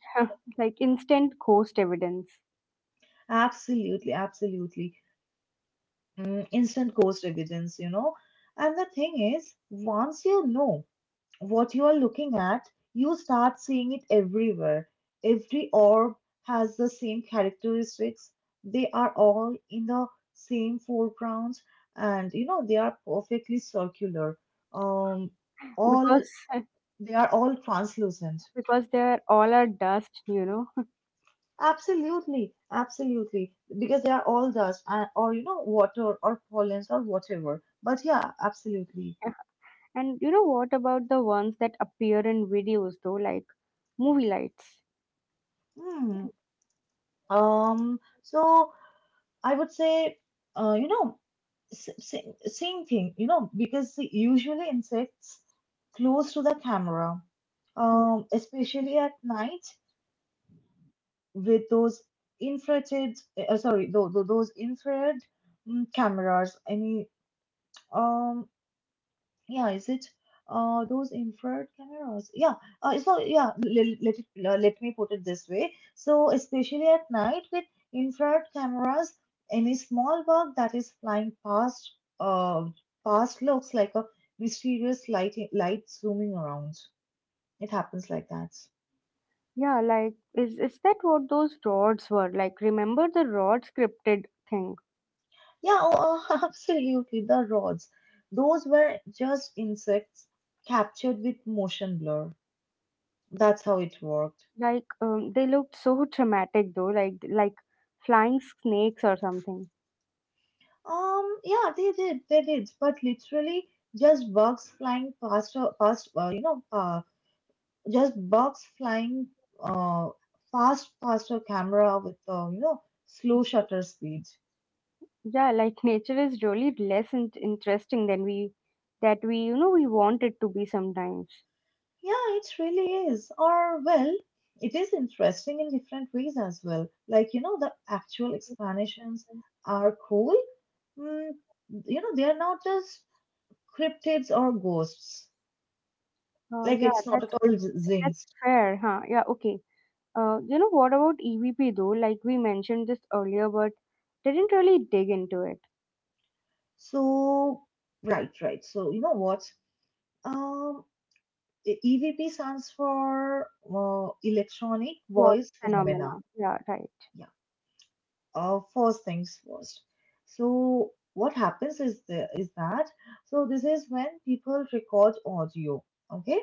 Speaker 2: Like instant ghost evidence
Speaker 1: Absolutely, absolutely. Instant cost evidence, you know. And the thing is, once you know what you are looking at, you start seeing it everywhere. Every orb has the same characteristics. They are all in the same foregrounds, and you know they are perfectly circular. Um, all
Speaker 2: because
Speaker 1: they are all translucent.
Speaker 2: because they're all are dust.
Speaker 1: Absolutely, absolutely, because they are all dust, and, or you know, water or pollens or whatever. But yeah, absolutely.
Speaker 2: And you know what about the ones that appear in videos though, like movie lights.
Speaker 1: Hmm. So I would say, you know, same thing, you know, because usually insects close to the camera, especially at night with those infrared, those infrared cameras. Um, Yeah, is it those infrared cameras? Yeah, so yeah, let me put it this way. So especially at night with infrared cameras, any small bug that is flying past uh past looks like a mysterious light zooming around. It happens like that.
Speaker 2: Yeah, like is that what those rods were? Like remember the rod scripted thing?
Speaker 1: Yeah, oh, absolutely. The rods, those were just insects captured with motion blur. That's how it worked.
Speaker 2: Like they looked so dramatic though, like flying snakes or something.
Speaker 1: Yeah, they did, but literally just bugs flying past, past, you know, just bugs flying, uh, fast past a camera with, you know, slow shutter speed.
Speaker 2: Yeah, like nature is really less interesting than we we want it to be sometimes.
Speaker 1: Yeah, it really is. Or, well, it is interesting in different ways as well. Like, you know, the actual explanations are cool. Mm, you know, they are not just cryptids or ghosts.
Speaker 2: Uh,
Speaker 1: Like,
Speaker 2: yeah,
Speaker 1: it's not
Speaker 2: that's
Speaker 1: at all
Speaker 2: that's that's
Speaker 1: zings.
Speaker 2: fair, huh? Yeah, okay. You know what about EVP though? Like we mentioned this earlier, but didn't really dig into it.
Speaker 1: So, right, right. So, you know what? Um, EVP stands for electronic
Speaker 2: What
Speaker 1: voice phenomena.
Speaker 2: phenomena? Yeah, right.
Speaker 1: Yeah. First things first. So, what happens is that so this is when people record audio. Okay.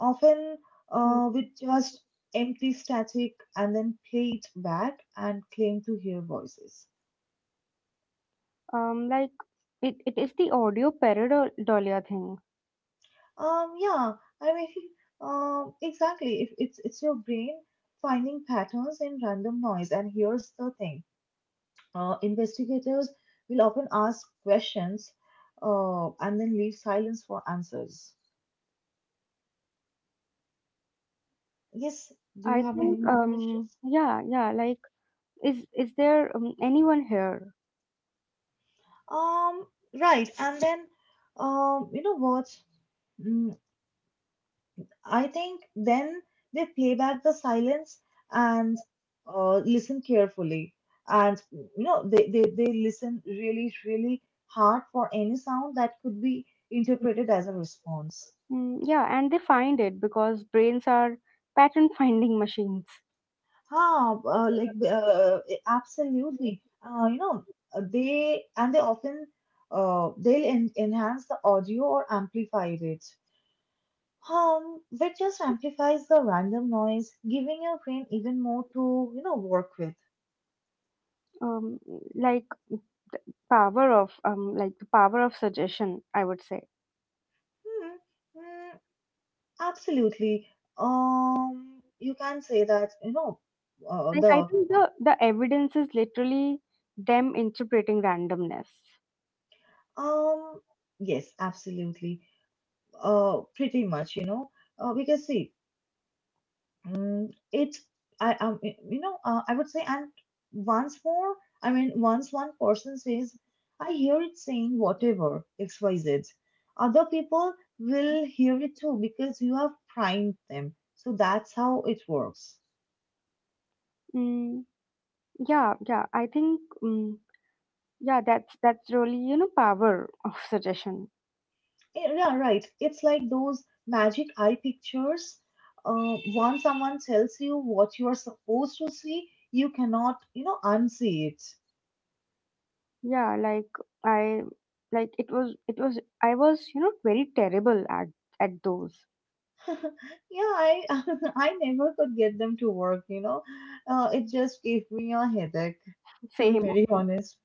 Speaker 1: Often,
Speaker 2: Mm.
Speaker 1: with just empty static and then play it back and claim to hear voices.
Speaker 2: Like it is the audio pareidolia thing.
Speaker 1: Yeah, I mean, exactly. If it's it's your brain finding patterns in random noise, and here's the thing: investigators will often ask questions, and then leave silence for answers. Yes, do you
Speaker 2: I
Speaker 1: have any
Speaker 2: think. Mhm.
Speaker 1: more questions?
Speaker 2: Yeah. Like is there anyone here
Speaker 1: Um, right, and then, you know what? Mm, I think then they pay back the silence and listen carefully. And you know, they listen really, really hard for any sound that could be interpreted as a response.
Speaker 2: mm, yeah and they find it because brains are pattern finding machines
Speaker 1: Ah, uh, like uh, Absolutely. You know, they and they often they'll en enhance the audio or amplify it. Which just amplifies the random noise, giving your brain even more to, you know, work with.
Speaker 2: um, like power of like the power of suggestion I would say
Speaker 1: Hmm. mm, Absolutely. You can say that, you know,
Speaker 2: like I
Speaker 1: the
Speaker 2: think the evidence is literally them interpreting randomness
Speaker 1: um, yes, absolutely. Pretty much, you know, because see, mm, it, you know, I would say, and once more, I mean, once one person says, I hear it saying whatever XYZ, other people will hear it too because you have primed them. So that's how it works.
Speaker 2: mm, yeah yeah that's really you know power of suggestion
Speaker 1: Yeah, yeah, right. It's like those magic eye pictures. Once someone tells you what you are supposed to see, you cannot, you know, unsee it.
Speaker 2: yeah like I like it was you know very terrible at those.
Speaker 1: Yeah, I I never could get them to work, you know. It just gave me a headache, to be
Speaker 2: Same.
Speaker 1: very
Speaker 2: Okay.
Speaker 1: honest.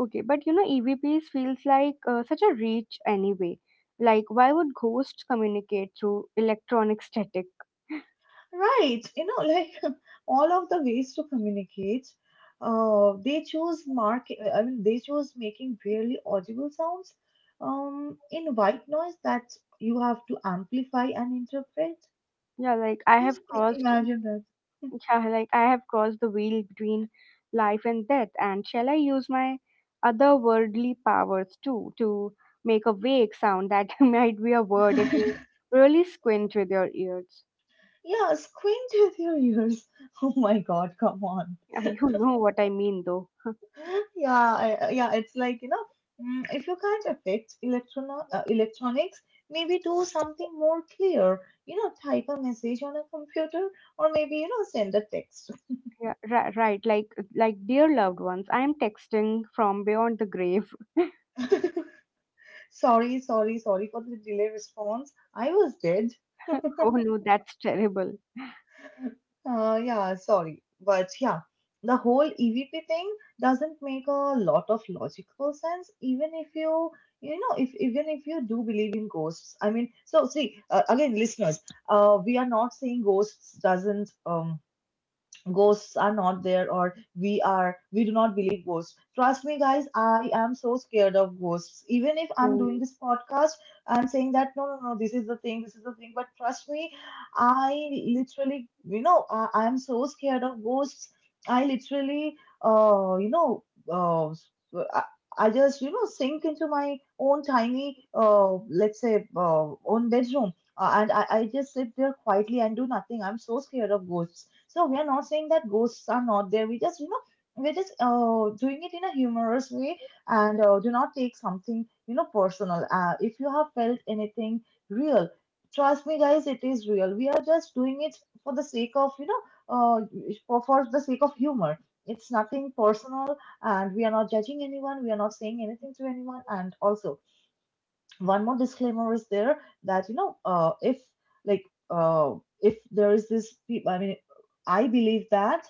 Speaker 2: Okay. But you know, EVPs feels like such a reach anyway. Like, why would ghosts communicate through electronic static?
Speaker 1: Right, you know, like all of the ways to communicate, they choose mark. I mean, they choose making barely audible sounds, in white noise that you have to amplify and interpret.
Speaker 2: Yeah, like I
Speaker 1: Just
Speaker 2: have crossed.
Speaker 1: imagine that.
Speaker 2: Yeah, like I have crossed the veil between life and death. And shall I use my otherworldly powers too to make a vague sound that might be a word if you really squint with your ears?
Speaker 1: Yeah, squint with your ears. Oh my God, come on.
Speaker 2: Yeah, you know what I mean, though.
Speaker 1: Yeah, yeah, it's like, you know, if you can't affect electronics, maybe do something more clear. You know, type a message on a computer or maybe, you know, send a text.
Speaker 2: Right. Like, dear loved ones, I am texting from beyond the grave.
Speaker 1: Sorry, sorry for the delay response. I was dead.
Speaker 2: Oh no, that's terrible.
Speaker 1: Yeah, sorry. But yeah, the whole EVP thing doesn't make a lot of logical sense, even if you, you know, if even if you do believe in ghosts. I mean, so see, again, listeners, we are not saying ghosts doesn't ghosts are not there, or we do not believe ghosts. Trust me, guys, I am so scared of ghosts even if I'm
Speaker 2: Mm,
Speaker 1: doing this podcast. I'm saying that, no, this is the thing, but trust me, I literally, you know, I'm so scared of ghosts. I literally, uh you know uh I, just, you know, sink into my own tiny, let's say own bedroom, and I just sit there quietly and do nothing. I'm so scared of ghosts. So we are not saying that ghosts are not there. We just, you know, we're just doing it in a humorous way, and do not take something, you know, personal. If you have felt anything real, trust me, guys, it is real. We are just doing it for the sake of, you know, uh, for the sake of humor. It's nothing personal, and we are not judging anyone. We are not saying anything to anyone. And also, one more disclaimer is there, that you know, like uh, if there is this I believe that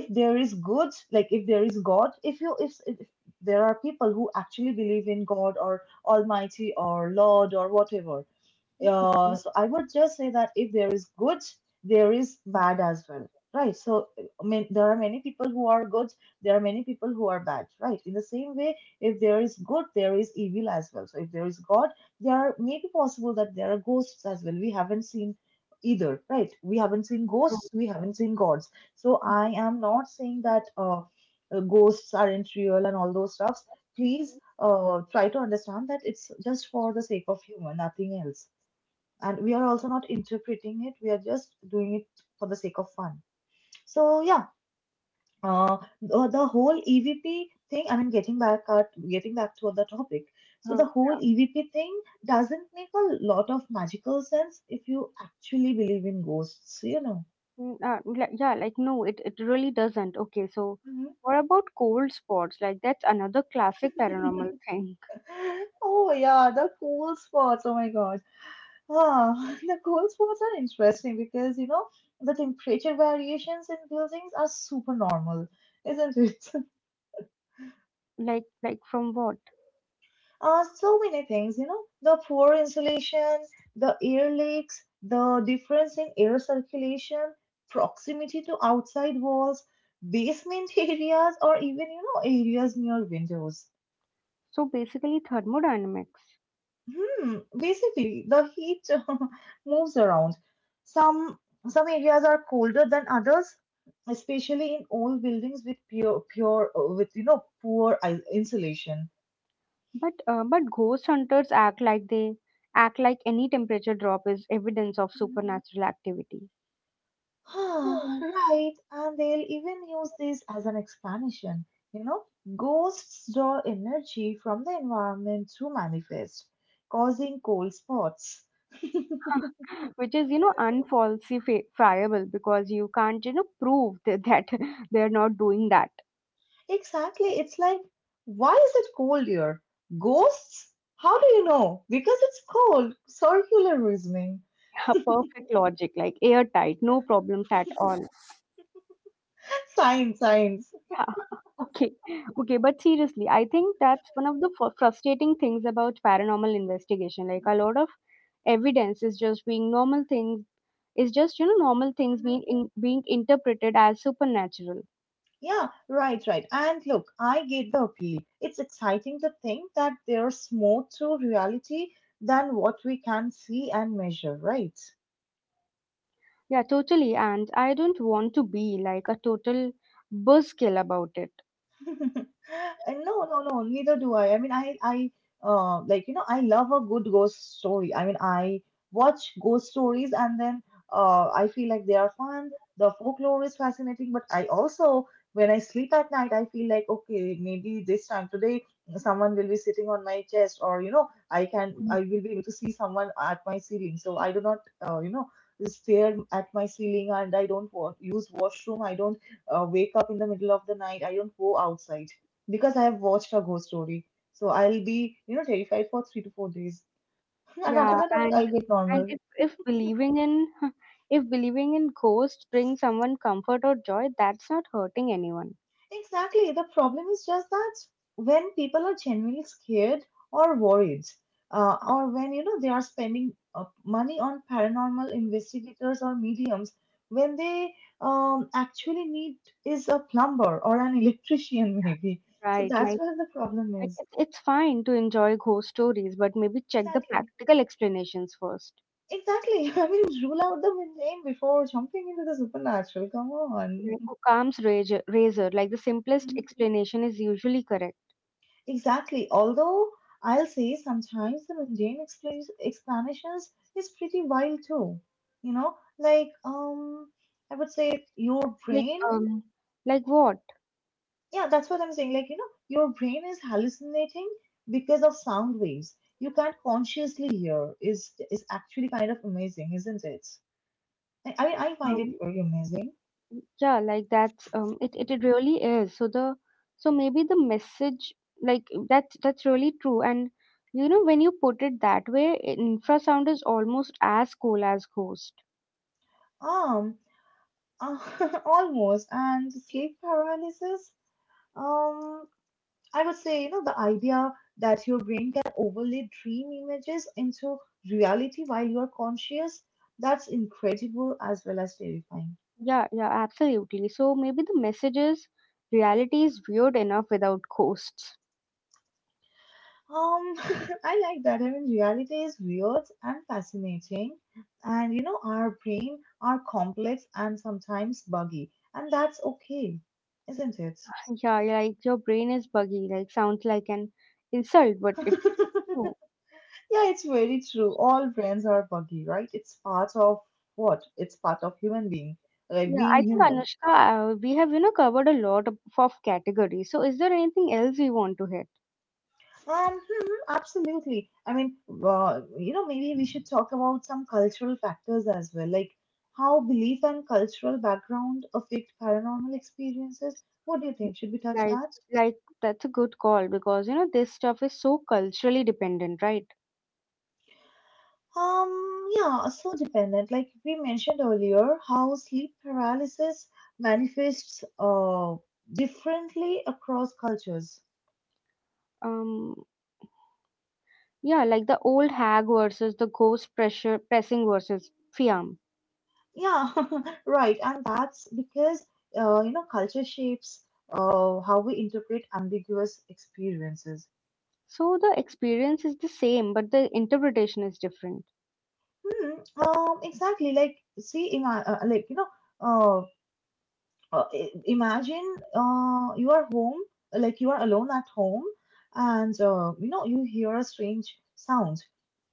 Speaker 1: if there is good, like if there is God, if you if there are people who actually believe in God or almighty or lord or whatever,
Speaker 2: mm.
Speaker 1: so I would just say that if there is good, there is bad as well, right? So I mean, there are many people who are good, there are many people who are bad, right? In the same way, if there is good, there is evil as well. So if there is God, there are maybe possible that there are ghosts as well. We haven't seen either, right? We haven't seen
Speaker 2: True.
Speaker 1: ghosts, we haven't seen gods. So I am not saying that ghosts aren't real and all those stuffs. Please try to understand that it's just for the sake of humor, nothing else, and we are also not interpreting it, we are just doing it for the sake of fun. So yeah, the whole EVP thing, I mean, getting back to the topic, so
Speaker 2: Uh,
Speaker 1: the whole EVP thing doesn't make a lot of magical sense if you actually believe in ghosts, you know.
Speaker 2: yeah, like no, it really doesn't. Okay, so
Speaker 1: Mhm.
Speaker 2: what about cold spots? Like that's another classic paranormal thing.
Speaker 1: Oh yeah, the cool spots. Oh my God. Ah, the cool spots are interesting because, you know, the temperature variations in buildings are super normal, isn't it?
Speaker 2: Like from what?
Speaker 1: So many things, you know, the poor insulation, the air leaks, the difference in air circulation, proximity to outside walls, basement areas, or even, you know, areas near windows.
Speaker 2: So basically thermodynamics.
Speaker 1: Hmm, basically, the heat moves around. Some some areas are colder than others, especially in old buildings with pure pure with you know, insulation.
Speaker 2: But ghost hunters act like any temperature drop is evidence of supernatural activity.
Speaker 1: Ah, right, and they'll even use this as an explanation. You know, ghosts draw energy from the environment to manifest, causing cold spots.
Speaker 2: Which is you know unfalsifiable because you can't you know prove that they're not doing that.
Speaker 1: Exactly, it's like, why is it cold here? Ghosts? How do you know? Because it's cold. Circular reasoning.
Speaker 2: Ha, perfect logic, like airtight, no problems at all.
Speaker 1: Science, science.
Speaker 2: Okay, okay, but seriously, I think that's one of the frustrating things about paranormal investigation. Like a lot of evidence is just being normal things, is just you know normal things being interpreted as supernatural.
Speaker 1: Yeah, right, right. And look, I get the appeal. It's exciting to think that there's more to reality than what we can see and measure, right?
Speaker 2: Yeah, totally. And I don't want to be like a total buzzkill about it.
Speaker 1: No, no, no, neither do I. I mean, you know, I love a good ghost story. I mean, I watch ghost stories and then, I feel like they are fun. The folklore is fascinating, but I also, when I sleep at night, I feel like, okay, maybe this time today, someone will be sitting on my chest, or, you know, I will be able to see someone at my ceiling. So I do not, you know, stare at my ceiling, and I don't use washroom. I don't wake up in the middle of the night. I don't go outside because I have watched a ghost story. So I'll be, you know, terrified for 3 to 4 days. And after
Speaker 2: Yeah,
Speaker 1: that, I'll get
Speaker 2: and
Speaker 1: normal.
Speaker 2: if believing in if believing in ghosts brings someone comfort or joy, that's not hurting anyone,
Speaker 1: Exactly. The problem is just that when people are genuinely scared or worried, or when, you know, they are spending money on paranormal investigators or mediums, when they actually need is a plumber or an electrician, maybe. So
Speaker 2: right?
Speaker 1: that's
Speaker 2: Like
Speaker 1: where the problem
Speaker 2: like
Speaker 1: is.
Speaker 2: it's fine to enjoy ghost stories, but maybe check the
Speaker 1: Exactly.
Speaker 2: practical explanations first.
Speaker 1: Exactly. I mean, rule out the mundane before jumping into the supernatural. Come on.
Speaker 2: Like Occam's razor, razor, like the simplest
Speaker 1: Mhm.
Speaker 2: explanation is usually correct.
Speaker 1: Exactly. Although I'll say sometimes the mundane explains explanations is pretty wild too. You know, like I would say your
Speaker 2: Like
Speaker 1: brain.
Speaker 2: what?
Speaker 1: Yeah, that's what I'm saying. Like, you know, your brain is hallucinating because of sound waves you can't consciously hear. Is actually kind of amazing, isn't it? I mean, I find it very amazing.
Speaker 2: Yeah like that's it, it it really is so the so maybe the message like that's really true and you know when you put it that way infrasound is almost as cool as ghost.
Speaker 1: Um, Uh, almost. And sleep paralysis? Um, I would say, you know, the idea that your brain can overlay dream images into reality while you're conscious, that's incredible as well as terrifying.
Speaker 2: Yeah yeah absolutely so maybe the message is reality is weird enough without ghosts.
Speaker 1: Um, I like that. I mean, reality is weird and fascinating. And, you know, our brain are complex and sometimes buggy. And that's okay, isn't it?
Speaker 2: Yeah yeah, like your brain is buggy like sounds like an insult but it's just true.
Speaker 1: Yeah, it's very true. All brains are buggy, right? It's part of what? It's part of human being, like
Speaker 2: Yeah I
Speaker 1: being
Speaker 2: think
Speaker 1: human.
Speaker 2: Anushka we have you know covered a lot of categories so is there anything else you want to hit.
Speaker 1: Mhm, absolutely. I mean, you know, maybe we should talk about some cultural factors as well, like how belief and cultural background affect paranormal experiences. What do you think? Should we touch
Speaker 2: Like,
Speaker 1: that?
Speaker 2: like that's a good call because you know this stuff is so culturally dependent, right?
Speaker 1: Yeah, so dependent. Like we mentioned earlier, how sleep paralysis manifests differently across cultures.
Speaker 2: Um, yeah, like the old hag versus the ghost pressure pressing versus fiam.
Speaker 1: Yeah, right. And that's because, you know, culture shapes how we interpret ambiguous experiences.
Speaker 2: So the experience is the same, but the interpretation is different.
Speaker 1: Hmm. Exactly. Like, see, uh, imagine you are home, like you are alone at home, and you know, you hear a strange sound.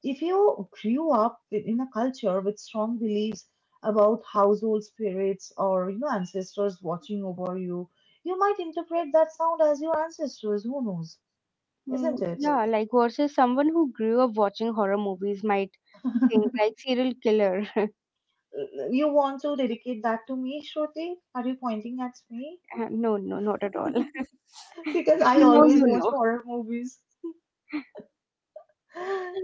Speaker 1: If you grew up in a culture with strong beliefs about household spirits, or you know, ancestors watching over you, you might interpret that sound as your ancestors. Who knows, isn't
Speaker 2: Mm,
Speaker 1: it?
Speaker 2: yeah, like versus someone who grew up watching horror movies might think like serial killer.
Speaker 1: You want to dedicate that to me, Shruti? Are you pointing at me?
Speaker 2: No, no, not at all.
Speaker 1: Because I
Speaker 2: You know,
Speaker 1: always
Speaker 2: you
Speaker 1: watch
Speaker 2: know.
Speaker 1: horror movies.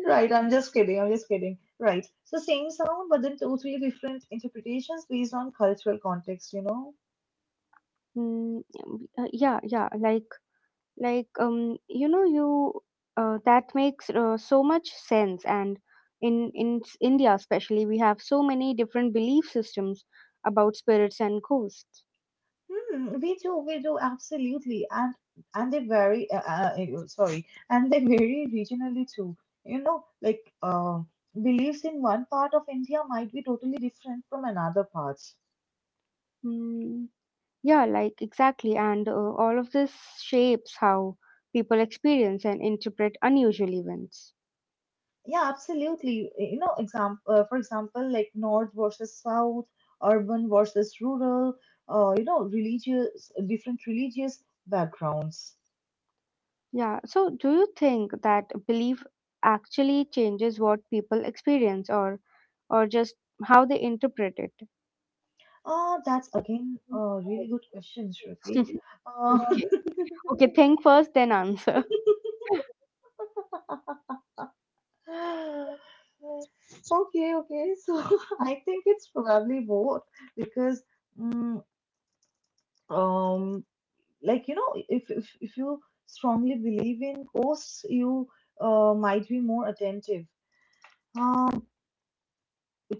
Speaker 1: Right, I'm just kidding. I'm just kidding. Right. So same sound, but then totally different interpretations based on cultural context, you know?
Speaker 2: Yeah, yeah, like you know you that makes so much sense and in india especially we have so many different belief systems about spirits and ghosts.
Speaker 1: Hmm, we do, absolutely. And they vary, sorry, and they vary regionally too. You know, like beliefs in one part of India might be totally different from another part.
Speaker 2: Mm, yeah like exactly and all of this shapes how people experience and interpret unusual events.
Speaker 1: Yeah, absolutely. You know, for example, like North versus South, urban versus rural, you know, religious, different religious backgrounds.
Speaker 2: Yeah so do you think that belief actually changes what people experience or just how they interpret it.
Speaker 1: That's again a really good question, Shruti. Uh,
Speaker 2: Okay okay think first then answer.
Speaker 1: okay, okay. So I think it's probably both because, mm, um, like you know, if you strongly believe in ghosts, you might be more attentive. Um,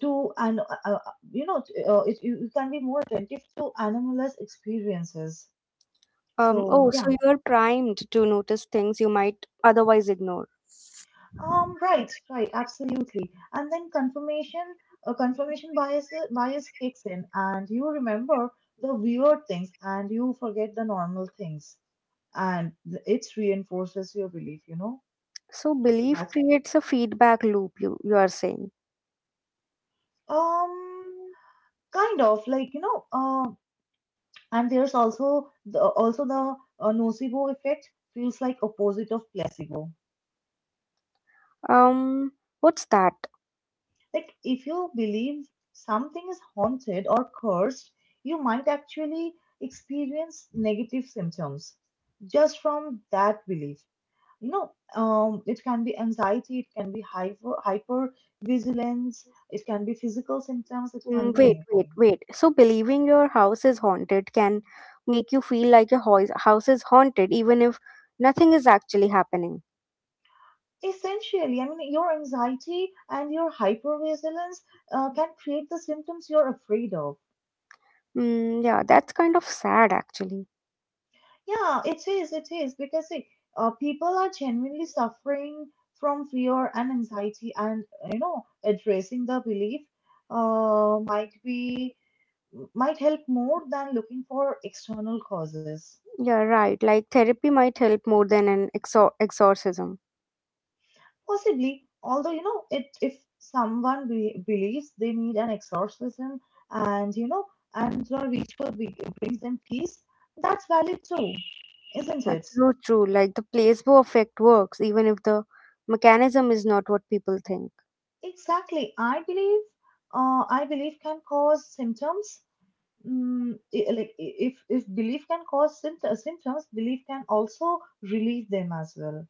Speaker 1: to an you know, you can be more attentive to anomalous experiences, so
Speaker 2: Oh, so
Speaker 1: yeah.
Speaker 2: you're primed to notice things you might otherwise ignore.
Speaker 1: Right, right, absolutely. And then confirmation bias kicks in, and you remember the weird things and you forget the normal things, and it reinforces your belief, you know.
Speaker 2: So
Speaker 1: So
Speaker 2: belief
Speaker 1: that's,
Speaker 2: creates a feedback loop, you are saying.
Speaker 1: um kind of like, you know, and there's also the nocebo effect, feels like opposite of placebo.
Speaker 2: Um, what's that?
Speaker 1: Like, if you believe something is haunted or cursed, you might actually experience negative symptoms just from that belief. You know, it can be anxiety, it can be hyper vigilance, it can be physical symptoms, it can
Speaker 2: Mm,
Speaker 1: be
Speaker 2: wait, wait,
Speaker 1: anything.
Speaker 2: wait. So believing your house is haunted can make you feel like your house is haunted even if nothing is actually happening.
Speaker 1: Essentially, I mean, your anxiety and your hypervigilance can create the symptoms you're afraid of.
Speaker 2: Mm, yeah, that's kind of sad actually.
Speaker 1: Yeah, it is, because see, people are genuinely suffering from fear and anxiety, and you know, addressing the belief uh, might be might help more than looking for external causes.
Speaker 2: Yeah, right. Like therapy might help more than an exorcism.
Speaker 1: Possibly, although you know, it if someone be believes they need an exorcism, and you know, and the ritual brings them peace, that's valid too, isn't
Speaker 2: Yeah,
Speaker 1: it?
Speaker 2: true, true. Like the placebo effect works even if the mechanism is not what people think.
Speaker 1: Exactly. I believe can cause symptoms. Mm, if belief can cause symptoms, belief can also relieve them as well.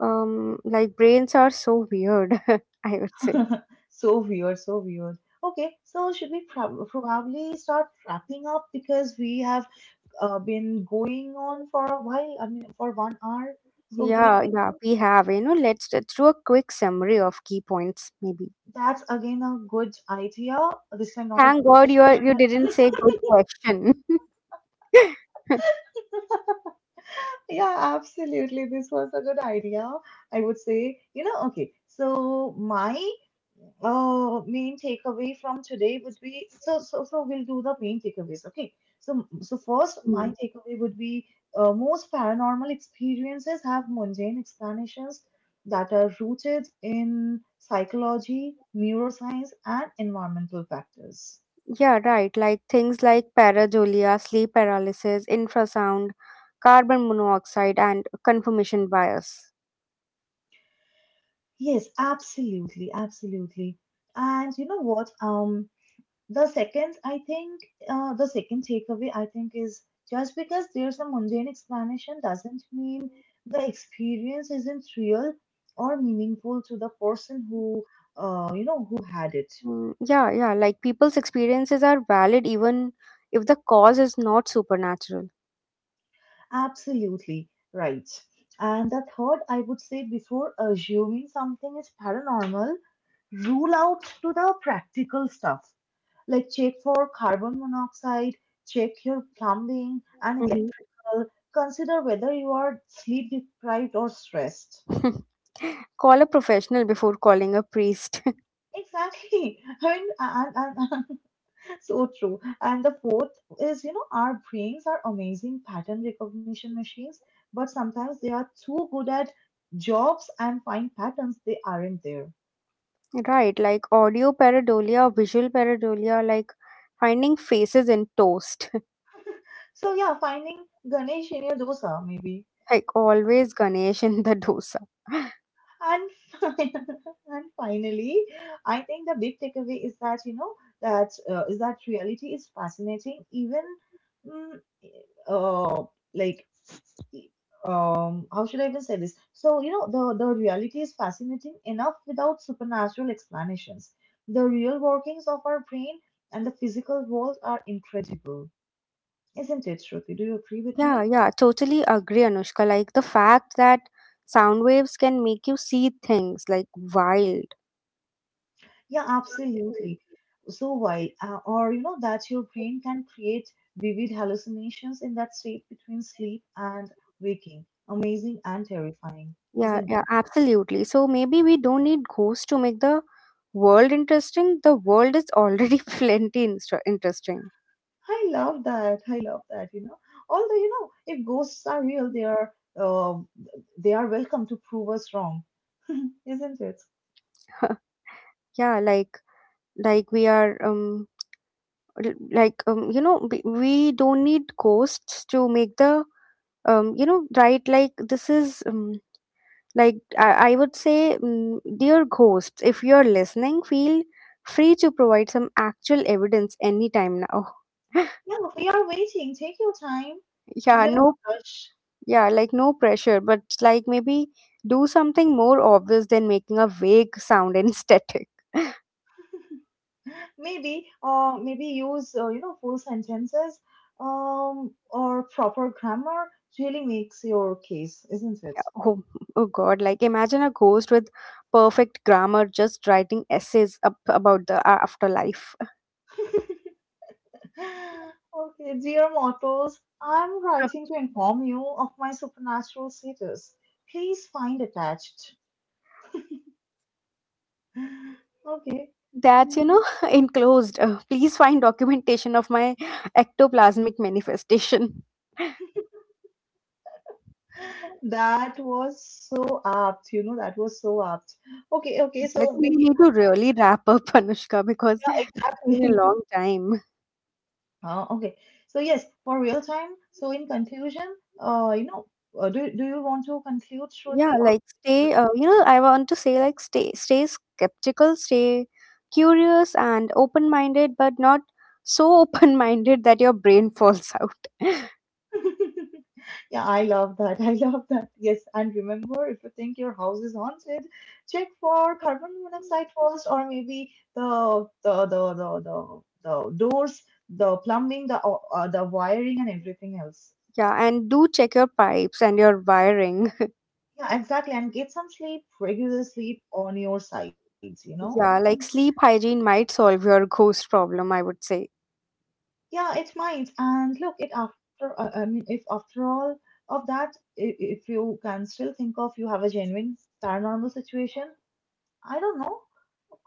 Speaker 2: Like brains are so weird, I would say.
Speaker 1: So weird, so weird. Okay, so probably start wrapping up because we have been going on for a while. I mean, for 1 hour. So do you
Speaker 2: Yeah,
Speaker 1: think
Speaker 2: yeah, we have. You know, let's do a quick summary of key points, maybe.
Speaker 1: that's again a good idea? This time not a
Speaker 2: Thank
Speaker 1: good
Speaker 2: God you
Speaker 1: question,
Speaker 2: are,
Speaker 1: but
Speaker 2: you didn't say good question.
Speaker 1: yeah, absolutely. This was a good idea. I would say, okay. So my main takeaway from today would be we'll do the main takeaways, okay? So first, my
Speaker 2: Hmm.
Speaker 1: takeaway would be most paranormal experiences have mundane explanations that are rooted in psychology, neuroscience, and environmental factors.
Speaker 2: Yeah, right. Like things like pareidolia, sleep paralysis, infrasound, carbon monoxide, and confirmation bias.
Speaker 1: Yes, absolutely, absolutely. And you know what? The second, I think, the second takeaway, I think, is just because there's a mundane explanation doesn't mean the experience isn't real or meaningful to the person who, who had it.
Speaker 2: Mm, yeah, yeah, like people's experiences are valid even if the cause is not supernatural.
Speaker 1: Absolutely right. And the third, I would say, before assuming something is paranormal, rule out to the practical stuff like check for carbon monoxide, check your plumbing and
Speaker 2: Mhm.
Speaker 1: people consider whether you are sleep deprived or stressed.
Speaker 2: Call a professional before calling a priest.
Speaker 1: Exactly. I mean, and so true. And the fourth is, you know, our brains are amazing pattern recognition machines, but sometimes they are too good at jobs and find patterns they aren't there.
Speaker 2: Right, like audio pareidolia or visual pareidolia, like finding faces in toast.
Speaker 1: So yeah, finding Ganesh in your dosa maybe.
Speaker 2: Like always Ganesh in the dosa.
Speaker 1: And, fin- and finally, I think the big takeaway is that you know that is that reality is fascinating, even mm, eh, uh, like e- how should I even say this? So you know the reality is fascinating enough without supernatural explanations. The real workings of our brain and the physical world are incredible, isn't it, Shruti? Do you agree with
Speaker 2: Yeah,
Speaker 1: me?
Speaker 2: yeah, totally agree, Anushka. Like the fact that sound waves can make you see things like wild.
Speaker 1: Yeah, absolutely. So wild, or you know, that your brain can create vivid hallucinations in that state between sleep and waking. Amazing and terrifying,
Speaker 2: Yeah,
Speaker 1: isn't
Speaker 2: yeah,
Speaker 1: it?
Speaker 2: absolutely. So maybe we don't need ghosts to make the world interesting. The world is already plenty interesting.
Speaker 1: I love that. I love that, you know. Although, you know, if ghosts are real, uh, they are welcome to prove us wrong, isn't it?
Speaker 2: Yeah, like like we are um you know we don't need ghosts to make the right like this is like I would say dear ghosts if you're listening feel free to provide some actual evidence anytime now.
Speaker 1: Yeah, we are waiting. Take your time.
Speaker 2: Yeah
Speaker 1: Do not
Speaker 2: no.
Speaker 1: rush.
Speaker 2: Yeah, like no pressure, but like maybe do something more obvious than making a vague sound in static.
Speaker 1: Maybe maybe use you know, full sentences or proper grammar really makes your case, isn't it?
Speaker 2: Oh, oh God, like imagine a ghost with perfect grammar just writing essays up about the afterlife.
Speaker 1: Okay, dear mortals, I'm writing to inform you of my supernatural status. Please find attached. Okay.
Speaker 2: That's, you
Speaker 1: Mm.
Speaker 2: know, enclosed. Please find documentation of my ectoplasmic manifestation.
Speaker 1: That was so apt, you know, that was so apt. Okay, okay,
Speaker 2: I
Speaker 1: so
Speaker 2: think we
Speaker 1: we
Speaker 2: need to really wrap up, Anushka, because it's been a long time.
Speaker 1: ah, okay. So yes, for real time. So in conclusion, do you want to conclude,
Speaker 2: Yeah,
Speaker 1: Shruti, or
Speaker 2: like stay, you know, I want to say like stay skeptical, stay curious and open-minded, but not so open-minded that your brain falls out.
Speaker 1: yeah, I love that. I love that. Yes, and remember, if you think your house is haunted, check for carbon monoxide first, or maybe the doors, the plumbing, the wiring, and everything else.
Speaker 2: Yeah, and do check your pipes and your wiring.
Speaker 1: Yeah, exactly. And get some sleep, regular sleep on your sides, you know.
Speaker 2: Yeah, like sleep hygiene might solve your ghost problem, I would say.
Speaker 1: Yeah, it might. And look, it after, I mean, if after all of that, if you can still think of you have a genuine paranormal situation, I don't know,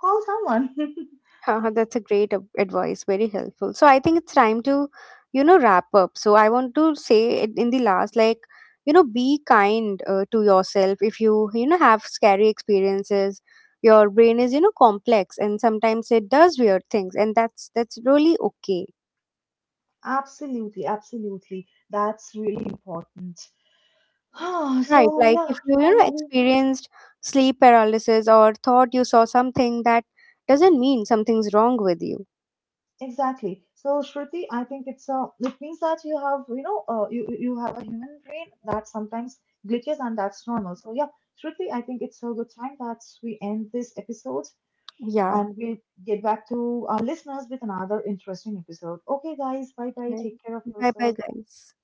Speaker 1: call someone.
Speaker 2: That's a great advice, very helpful. So I think it's time to, you know, wrap up. So I want to say it in the last, like, you know, be kind to yourself. If you, you know, have scary experiences, your brain is, you know, complex, and sometimes it does weird things, and that's really okay,
Speaker 1: Absolutely, absolutely. That's really important. Ah,
Speaker 2: right?
Speaker 1: so
Speaker 2: Like if
Speaker 1: yeah,
Speaker 2: you, you know,
Speaker 1: finally,
Speaker 2: experienced sleep paralysis or thought you saw something that doesn't mean something's wrong with you.
Speaker 1: exactly. So Shruti, I think it's a, it means that you have, you know, you have a human brain that sometimes glitches and that's normal. So yeah, Shruti, I think it's a good time that we end this episode.
Speaker 2: Yeah.
Speaker 1: And we'll get back to our listeners with another interesting episode. Okay, guys, bye bye. Take care of
Speaker 2: Bye bye,
Speaker 1: yourself.
Speaker 2: guys.